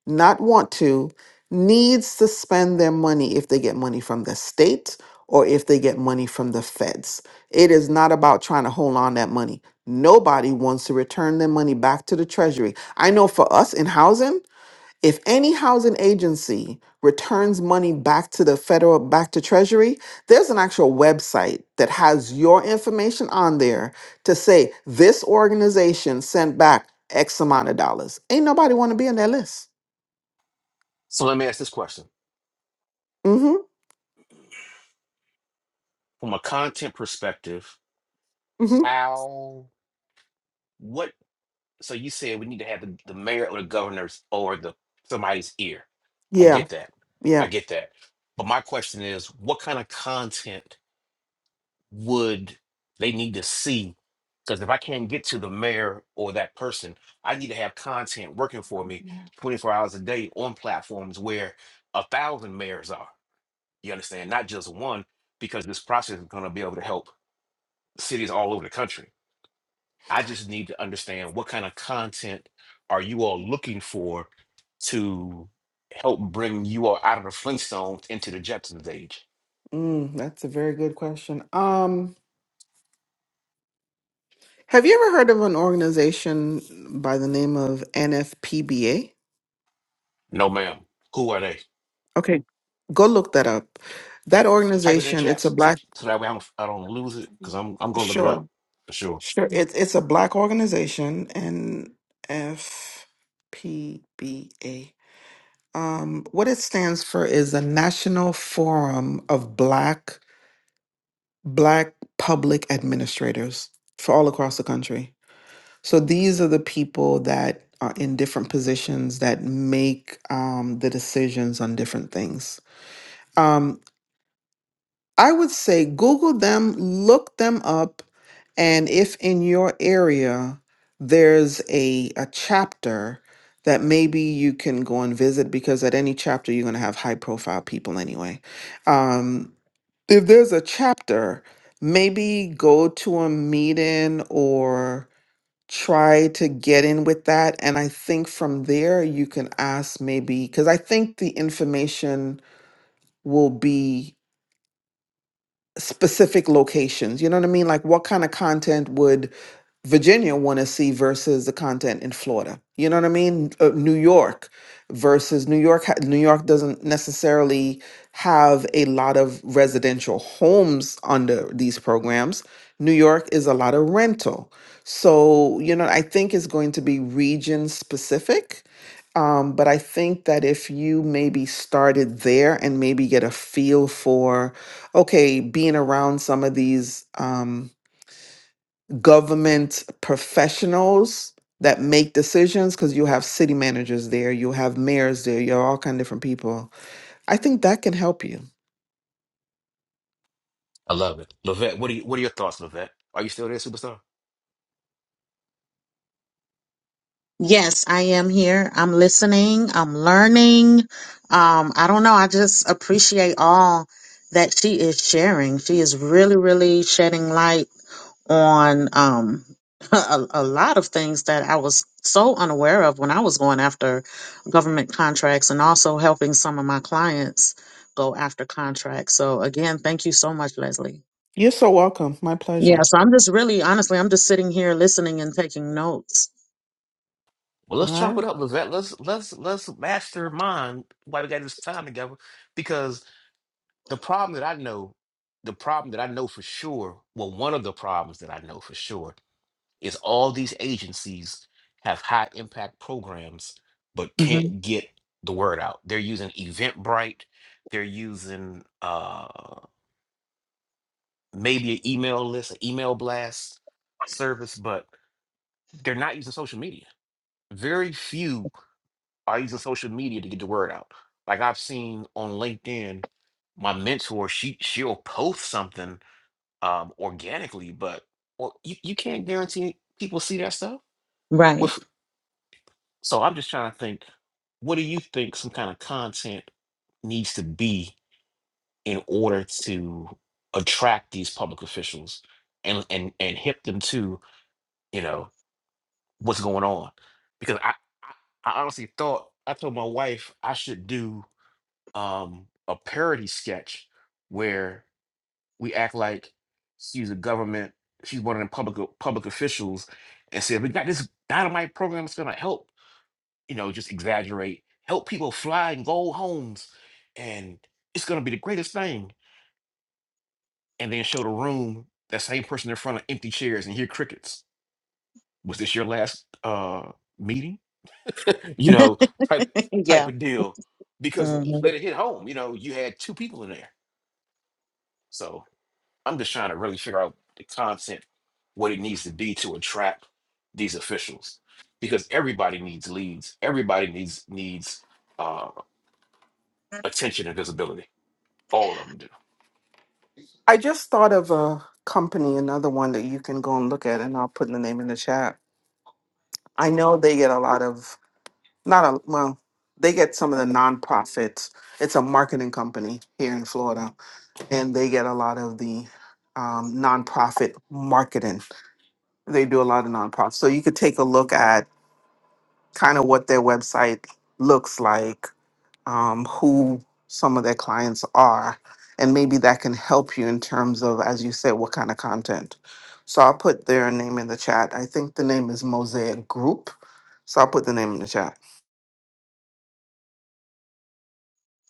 E: not want to needs to spend their money if they get money from the state or if they get money from the feds it is not about trying to hold on that money nobody wants to return their money back to the treasury i know for us in housing if any housing agency returns money back to the federal, back to Treasury, there's an actual website that has your information on there to say this organization sent back X amount of dollars. Ain't nobody want to be on that list.
D: So let me ask this question
E: Mm-hmm.
D: from a content perspective.
E: Mm-hmm.
D: How? What? So you said we need to have the, the mayor or the governor's or the somebody's ear. I
E: Yeah.
D: get that. I
E: Yeah.
D: get that. But my question is, what kind of content would they need to see? Because if I can't get to the mayor or that person, I need to have content working for me 24 hours a day on platforms where a thousand mayors are. You understand? Not just one, because this process is going to be able to help cities all over the country. I just need to understand what kind of content are you all looking for to help bring you all out of the Flintstones into the Jetsons age?
E: Mm, that's a very good question. Um, have you ever heard of an organization by the name of NFPBA?
D: No, ma'am. Who are they?
E: Okay, go look that up. That
D: Type it in the
E: organization,
D: chat
E: it's a
D: so, so-
E: black.
D: so that way I'm, I don't lose it because I'm I'm gonna look it
E: Sure.
D: up for sure.
E: Sure, it's it's a black organization, NFPBA. Um, what it stands for is a National Forum of Black Black Public Administrators for all across the country. So these are the people that are in different positions that make um, the decisions on different things. Um. I would say Google them, look them up, and if in your area there's a, a chapter that maybe you can go and visit because at any chapter you're going to have high profile people anyway. Um, if there's a chapter, maybe go to a meeting or try to get in with that. And I think from there you can ask maybe, because I think the information will be specific locations you know what i mean like what kind of content would Virginia want to see versus the content in Florida. You know what I mean? Uh, New York versus New York. ha- New York doesn't necessarily have a lot of residential homes under these programs. New York is a lot of rental. So, you know, I think it's going to be region specific. Um, but I think that if you maybe started there and maybe get a feel for, okay, being around some of these. Um, government professionals that make decisions because you have city managers there, you have mayors there, you have all kind of different people. I think that can help you.
D: I love it, Levette. What are you, what are your thoughts, Levette? Are you still there, superstar?
B: Yes, I am here. I'm listening. I'm learning. Um, I don't know. I just appreciate all that she is sharing. She is really, really shedding light on um, a, a lot of things that I was so unaware of when I was going after government contracts and also helping some of my clients go after contracts. So, again, thank you so much, Leslie.
E: You're so welcome. My
B: Yeah,
E: pleasure.
B: so I'm just really honestly, I'm just sitting here listening and taking notes.
D: Well,
E: All
D: let's chop it
E: right.
D: up, Levette. Let's let's let's mastermind why we got this time together because the problem that I know, the problem that I know for sure, well, one of the problems that I know for sure is all these agencies have high impact programs, but
B: hmm
D: can't get the word out. They're using Eventbrite, they're using uh, maybe an email list, an email blast service, but they're not using social media. Very few are using social media to get the word out. Like I've seen on LinkedIn, my mentor, she she'll post something um, organically, but well, you, you can't guarantee people see that stuff.
B: Right.
D: With, so I'm just trying to think, what do you think some kind of content needs to be in order to attract these public officials and and and hip them to you know what's going on? Because I I I honestly thought I told my wife I should do um, a parody sketch where we act like she's a government, she's one of the public public officials, and said we got this dynamite program that's gonna help, you know, just exaggerate, help people fly and go homes, and it's gonna be the greatest thing. And then show the room that same person in front of empty chairs and hear crickets. Was this your last uh meeting? you know, type type
B: Yeah.
D: of deal. Because
B: hmm
D: let it hit home, you know, you had two people in there. So I'm just trying to really figure out the content, what it needs to be to attract these officials, because everybody needs leads, everybody needs needs uh, attention and visibility. All of them do.
E: I just thought of a company, another one that you can go and look at, and I'll put the name in the chat. I know they get a lot of not a well, they get some of the nonprofits. It's a marketing company here in Florida, and they get a lot of the um, nonprofit marketing They do a lot of nonprofits. So you could take a look at kind of what their website looks like, um, who some of their clients are, and maybe that can help you in terms of, as you said, what kind of content. So I'll put their name in the chat. I think the name is Mosaic Group. So I'll put the name in the chat.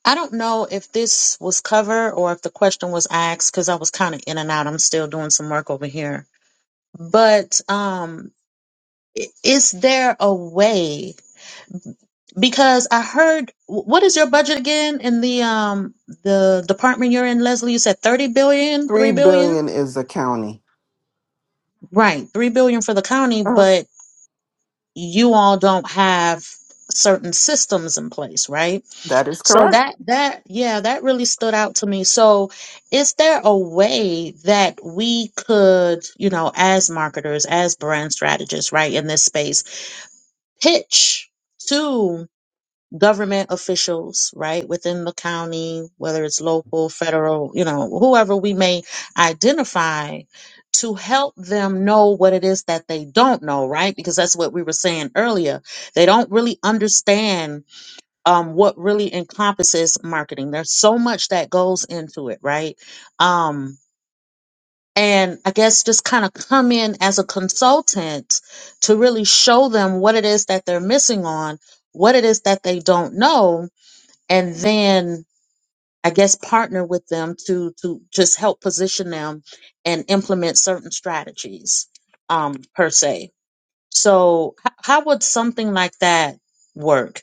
B: I don't know if this was covered or if the question was asked because I was kind of in and out. I'm still doing some work over here. But um, i- is there a way? Because I heard, wh- what is your budget again in the um the department you're in, Leslie? You said thirty billion, three
E: Three
B: billion,
E: billion is the county.
B: Right, 3 billion for the county,
E: Uh-huh.
B: but you all don't have certain systems in place, right?
E: That is
B: So
E: correct.
B: that that yeah, that really stood out to me. So is there a way that we could, you know, as marketers, as brand strategists, right, in this space, pitch to government officials, right, within the county, whether it's local, federal, you know, whoever we may identify to help them know what it is that they don't know, right? Because that's what we were saying earlier. They don't really understand um, what really encompasses marketing. There's so much that goes into it, right? Um, and I guess just kind of come in as a consultant to really show them what it is that they're missing on, what it is that they don't know, and then I guess partner with them to to just help position them and implement certain strategies um, per se. So, h- how would something like that work?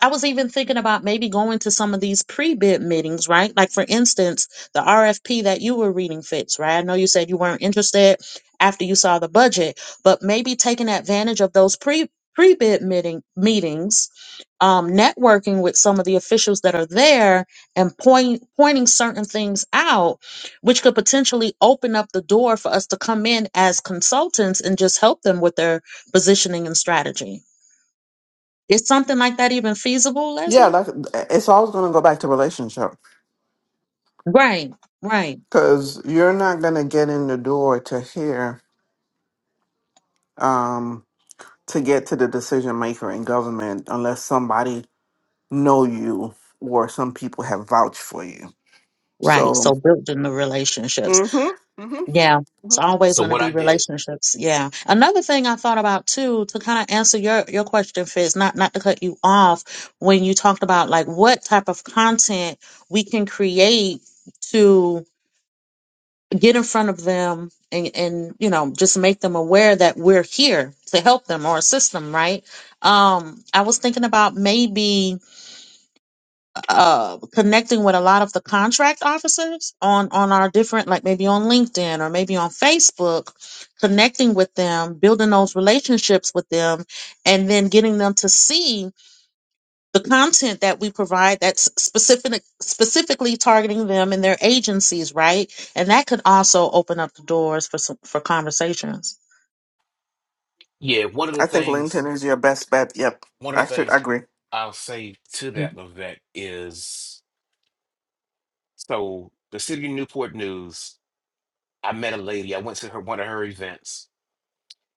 B: I was even thinking about maybe going to some of these pre-bid meetings, right? Like for instance, the RFP that you were reading, Fitz, right? I know you said you weren't interested after you saw the budget, but maybe taking advantage of those pre pre-bid meeting meetings, um, networking with some of the officials that are there and point pointing certain things out, which could potentially open up the door for us to come in as consultants and just help them with their positioning and strategy. Is something like that even feasible,
E: Yeah,
B: Leslie?
E: like it's always going to go back to relationship
B: Right, right,
E: because you're not going to get in the door to hear. Um, to get to the decision maker in government unless somebody know you or some people have vouched for you.
B: right.
E: So,
B: So building the relationships.
E: mm-hmm, hmm
B: Yeah.
E: hmm
B: It's always
D: So
B: going to
D: what
B: be
D: I did,
B: relationships. Yeah. Another thing I thought about too, to kind of answer your, your question, Fitz, not, not to cut you off when you talked about like what type of content we can create to get in front of them and, and, you know, just make them aware that we're here to help them or assist them. Right. Um, I was thinking about maybe, uh, connecting with a lot of the contract officers on on our different like maybe on linkedin or maybe on facebook connecting with them building those relationships with them and then getting them to see the content that we provide that's specific specifically targeting them and their agencies right and that could also open up the doors for some for conversations
D: yeah, one of the
E: I think
D: things,
E: LinkedIn is your best bet. Yep,
D: one of the
E: actually,
D: things
E: I agree.
D: I'll say to that Levette is, so the City of Newport News. I met a lady. I went to her one of her events,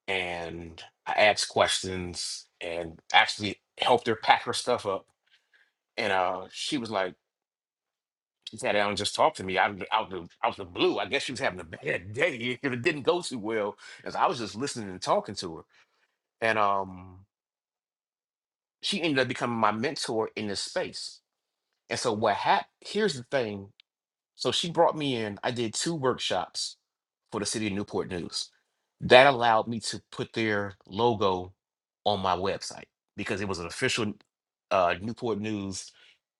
D: and I asked questions and actually helped her pack her stuff up And uh, she was like, she sat down and just talked to me out of the, out the out the blue. I guess she was having a bad day and it didn't go too well. As I was just listening and talking to her, and um, she ended up becoming my mentor in this space. And so what happened? Here's the thing So she brought me in. I did two workshops for the city of Newport News. That allowed me to put their logo on my website because it was an official uh, Newport News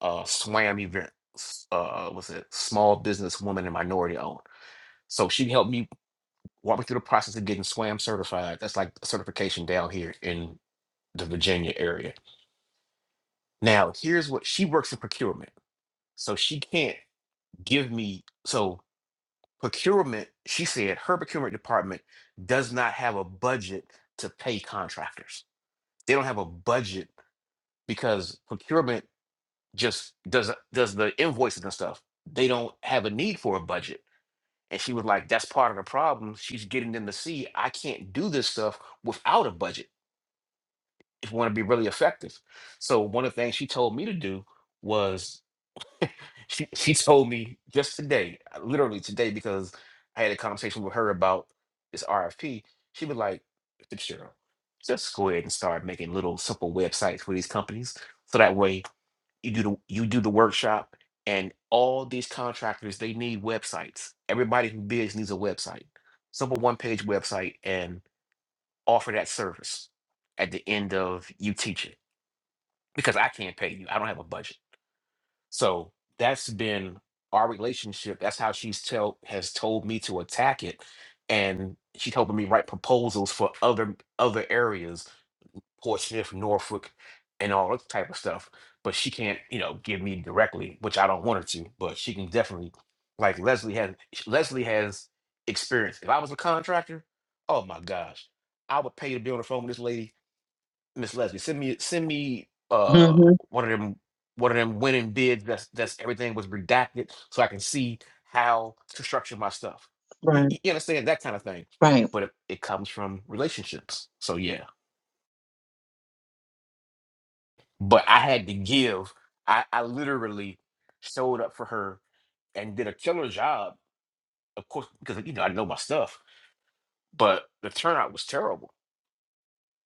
D: uh, SWAM event. s- Uh, was it small business woman and minority owned? So she helped me walk me through the process of getting SWAM certified. That's like a certification down here in the Virginia area. Now, here's what she works in procurement. So she can't give me so Procurement, she said her procurement department does not have a budget to pay contractors. They don't have a budget because procurement just does does the invoices and stuff. They don't have a need for a budget. And she was like, that's part of the problem. She's getting them to see I can't do this stuff without a budget if we want to be really effective. So one of the things she told me to do was she she told me just today, uh, literally today, because I had a conversation with her about this RFP. She was like, Fitzgerald, just go ahead and start making little simple websites for these companies, so that way you do the you do the workshop, and all these contractors they need websites. Everybody who bids needs a website, simple one page website, and offer that service at the end of you teaching because I can't pay you. I don't have a budget so that's been our relationship. That's how she's tell has told me to attack it, and she's helping me write proposals for other other areas, Portsmouth, Norfolk, and all that type of stuff. But she can't, you know, give me directly, which I don't want her to. But she can definitely, like Leslie has, Leslie has experience. If I was a contractor, oh my gosh, I would pay to be on the phone with this lady Miss Leslie, send me send me uh
B: Mm-hmm.
D: one of them one of them winning bids that's that's everything was redacted so I can see how to structure my stuff. You,
B: Right.
D: you understand that kind of thing.
B: Right.
D: But it, it comes from relationships. So yeah. But I had to give. I, I literally showed up for her and did a killer job, of course, because you know I know my stuff. But the turnout was terrible.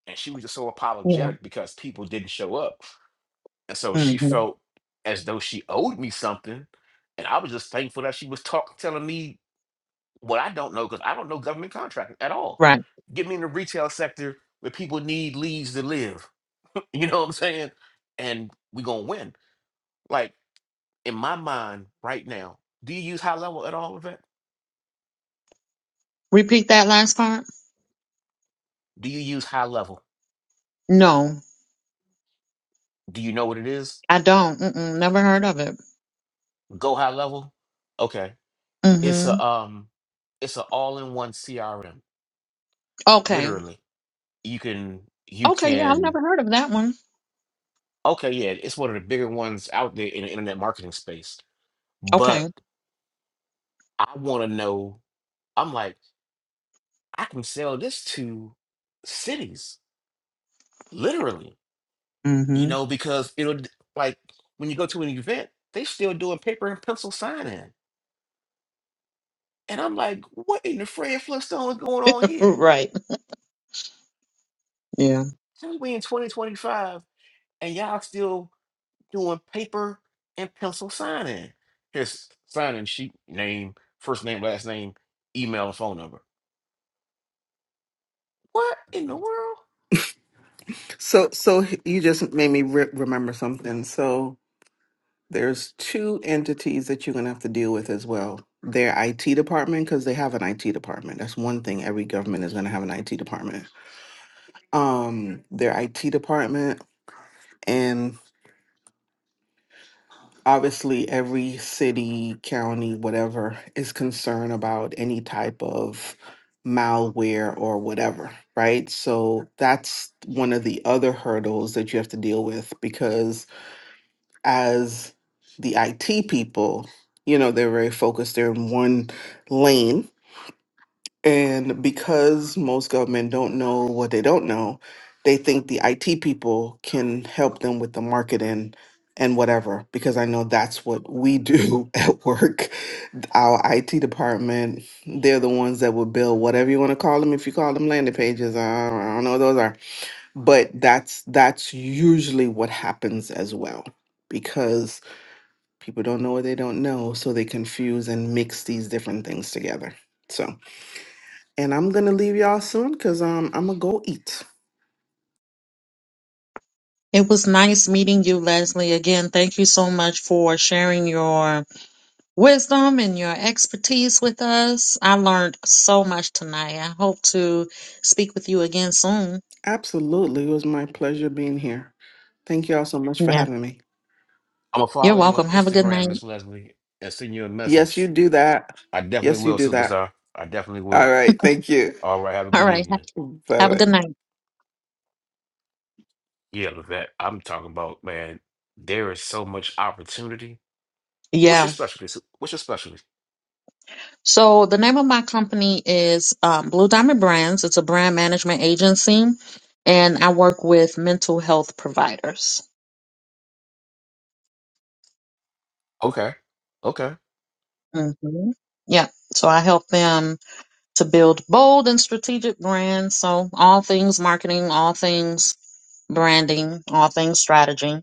D: And she was just so
B: Yeah.
D: apologetic because people didn't show up. And so she
B: Mm-hmm.
D: felt as though she owed me something. And I was just thankful that she was talk, telling me what I don't know because I don't know government contracting at all.
B: Right.
D: Get me in the retail sector where people need leads to live. You know what I'm saying? And we going to win. Like in my mind right now, do you use high level at all, Yvette?
B: Repeat that last part.
D: Do you use high level?
B: No.
D: Do you know what it is?
B: I don't. Mm-mm, never heard of it.
D: Go high level? Okay. It's
B: Mm-hmm.
D: a um it's an all-in-one CRM.
B: Okay.
D: Literally. You can you
B: Okay. Yeah, I've
D: can
B: never heard of that one.
D: Okay, yeah, it's one of the bigger ones out there in the internet marketing space.
B: Okay.
D: But I want to know, I'm like, I can sell this to cities, literally, you
B: Mm-hmm.
D: know, because it'll d- like when you go to an event, they still doing paper and pencil sign-in. And I'm like, what in the Fred Flintstone is going on here?
B: Right. Yeah.
D: How we in 2025 and y'all still doing paper and pencil sign-in? Here's sign-in sheet, name, first name, last name, email, and phone number What in the world?
E: So, so h- you just made me re- remember something. So, there's two entities that you're gonna have to deal with as well. Their IT department, because they have an IT department. That's one thing every government is gonna have an IT department. Um, their IT department obviously every city, county, whatever is concerned about any type of malware or whatever, right? So that's one of the other hurdles that you have to deal with because as the IT people, you know, they're very focused, they're in one lane and because most government don't know what they don't know, they think the IT people can help them with the marketing and whatever, because I know that's what we do at work. Our IT department, they're the ones that will build whatever you want to call them. If you call them landing pages, I don't I don't know what those are. But that's that's usually what happens as well, because people don't know what they don't know, so they confuse and mix these different things together. So. And I'm gonna leave y'all soon because um I'm gonna go eat.
B: It was nice meeting you, Leslie. Again, thank you so much for sharing your wisdom and your expertise with us. I learned so much tonight. I hope to speak with you again soon.
E: Absolutely. It was my pleasure being here. Thank you all so much for
B: Yeah.
E: having me.
D: I'm gonna
B: You're
D: follow you on
B: welcome. Have a good
D: Instagram,
B: night.
D: Miss Leslie, and send you a
E: Yes, you
D: message.
E: do that.
D: I definitely
E: Yes, you
D: will,
E: do that.
D: superstar. I definitely
E: All
D: will.
E: right. Thank you.
D: All right, have a
B: All
D: good
B: right. Ha-
D: evening.
E: Bye
B: Have a
E: bye.
B: good night.
D: Yeah, Levette, I'm talking about, man, there is so much opportunity. What's
B: Yeah.
D: your specialty? su- What's your specialty?
B: So the name of my company is um, Blue Diamond Brands. It's a brand management agency, and I work with mental health providers.
D: Okay. Okay.
B: Mm-hmm. Yeah, so I help them to build bold and strategic brands. So all things marketing, all things branding, all things strategy.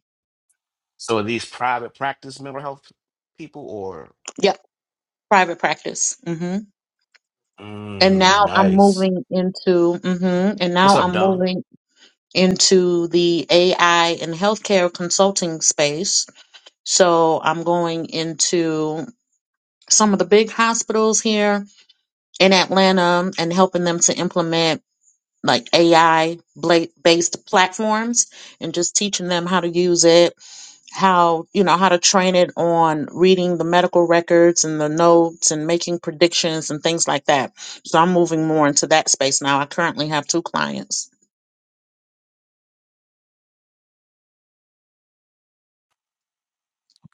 D: So are these private practice mental health people or
B: Yep, private practice. hmm And
D: mm,
B: now I'm
D: nice.
B: moving into. hmm And
D: What's
B: now
D: up,
B: I'm
D: Don?
B: moving into the AI and healthcare consulting space So I'm going into some of the big hospitals here in Atlanta and helping them to implement like AI bla- based platforms and just teaching them how to use it, how, you know, how to train it on reading the medical records and the notes and making predictions and things like that. So I'm moving more into that space now. I currently have two clients.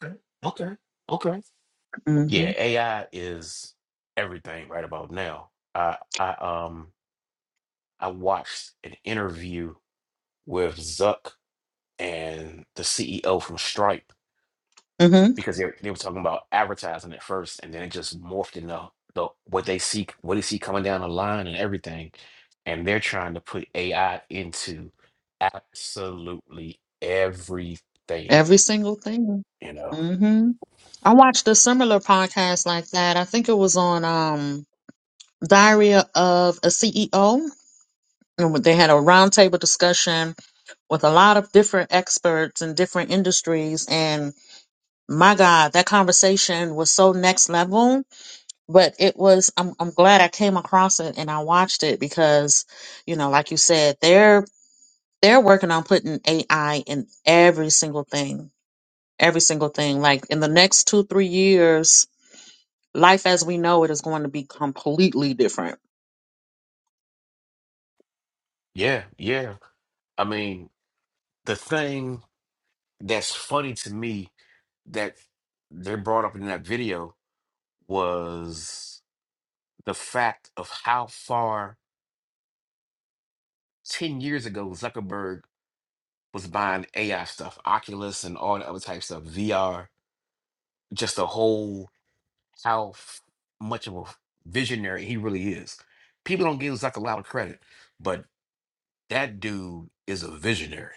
D: Okay. Okay. Okay. Yeah,
B: Mhm.
D: AI is everything right about now. I I um I watched an interview with Zuck and the CEO from Stripe
B: Mhm.
D: because they, they were talking about advertising at first, and then it just morphed into the what they see what they see coming down the line and everything, and they're trying to put AI into absolutely everything.
B: Every single thing.
D: You know,
B: Mm-hmm. I watched a similar podcast like that. I think it was on um, Diary of a CEO. And they had a roundtable discussion with a lot of different experts in different industries. And my God, that conversation was so next level. But it was, I'm, I'm glad I came across it and I watched it because, you know, like you said, they're, they're working on putting AI in every single thing, every single thing. Like in the next two, three years, Life as we know it is going to be completely different.
D: yeah, yeah. I mean, the thing that's funny to me that they brought up in that video was. the fact of how far 10 years ago Zuckerberg was buying AI stuff, Oculus and all the other types of VR, just the whole how f- much of a visionary he really is. People don't give Zuck a lot of credit, but that dude is a visionary.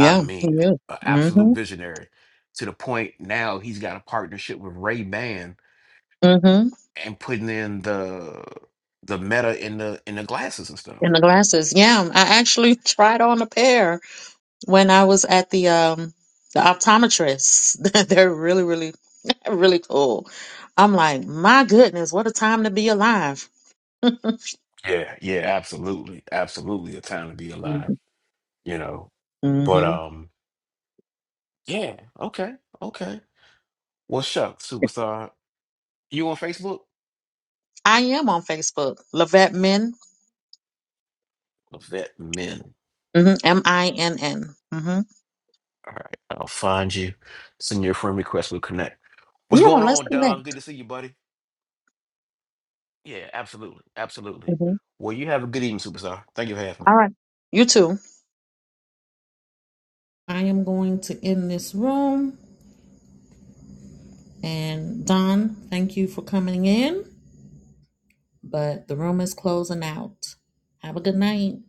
D: I
B: he
D: mean,
B: will.
D: an absolute
B: Mhm.
D: visionary to the point now he's got a partnership with Ray Ban
B: Mhm.
D: and putting in the the meta in the in the glasses and stuff.
B: And the glasses. Yeah, I actually tried on a pair when I was at the um the optometrist. They're really really really cool. I'm like, my goodness, what a time to be alive.
D: Yeah, yeah, absolutely. Absolutely a time to be alive, you know. But
B: Mm-hmm.
D: um yeah, okay, okay. Well shucks, superstar. You on Facebook?
B: I am on Facebook, Lavette Min,
D: Vet Men.
B: mm-hmm. M-I-N-N. Mm-hmm.
D: All right, I'll find you. Send your friend request, we'll connect. What's
B: Yeah,
D: going
B: let's
D: on,
B: connect.
D: Don? Good to see you, buddy. Yeah, absolutely. Absolutely.
B: Mhm.
D: Well, you have a good evening, superstar. Thank you for having me.
B: All right. You too. I am going to end this room. And Don, thank you for coming in. But the room is closing out. Have a good night.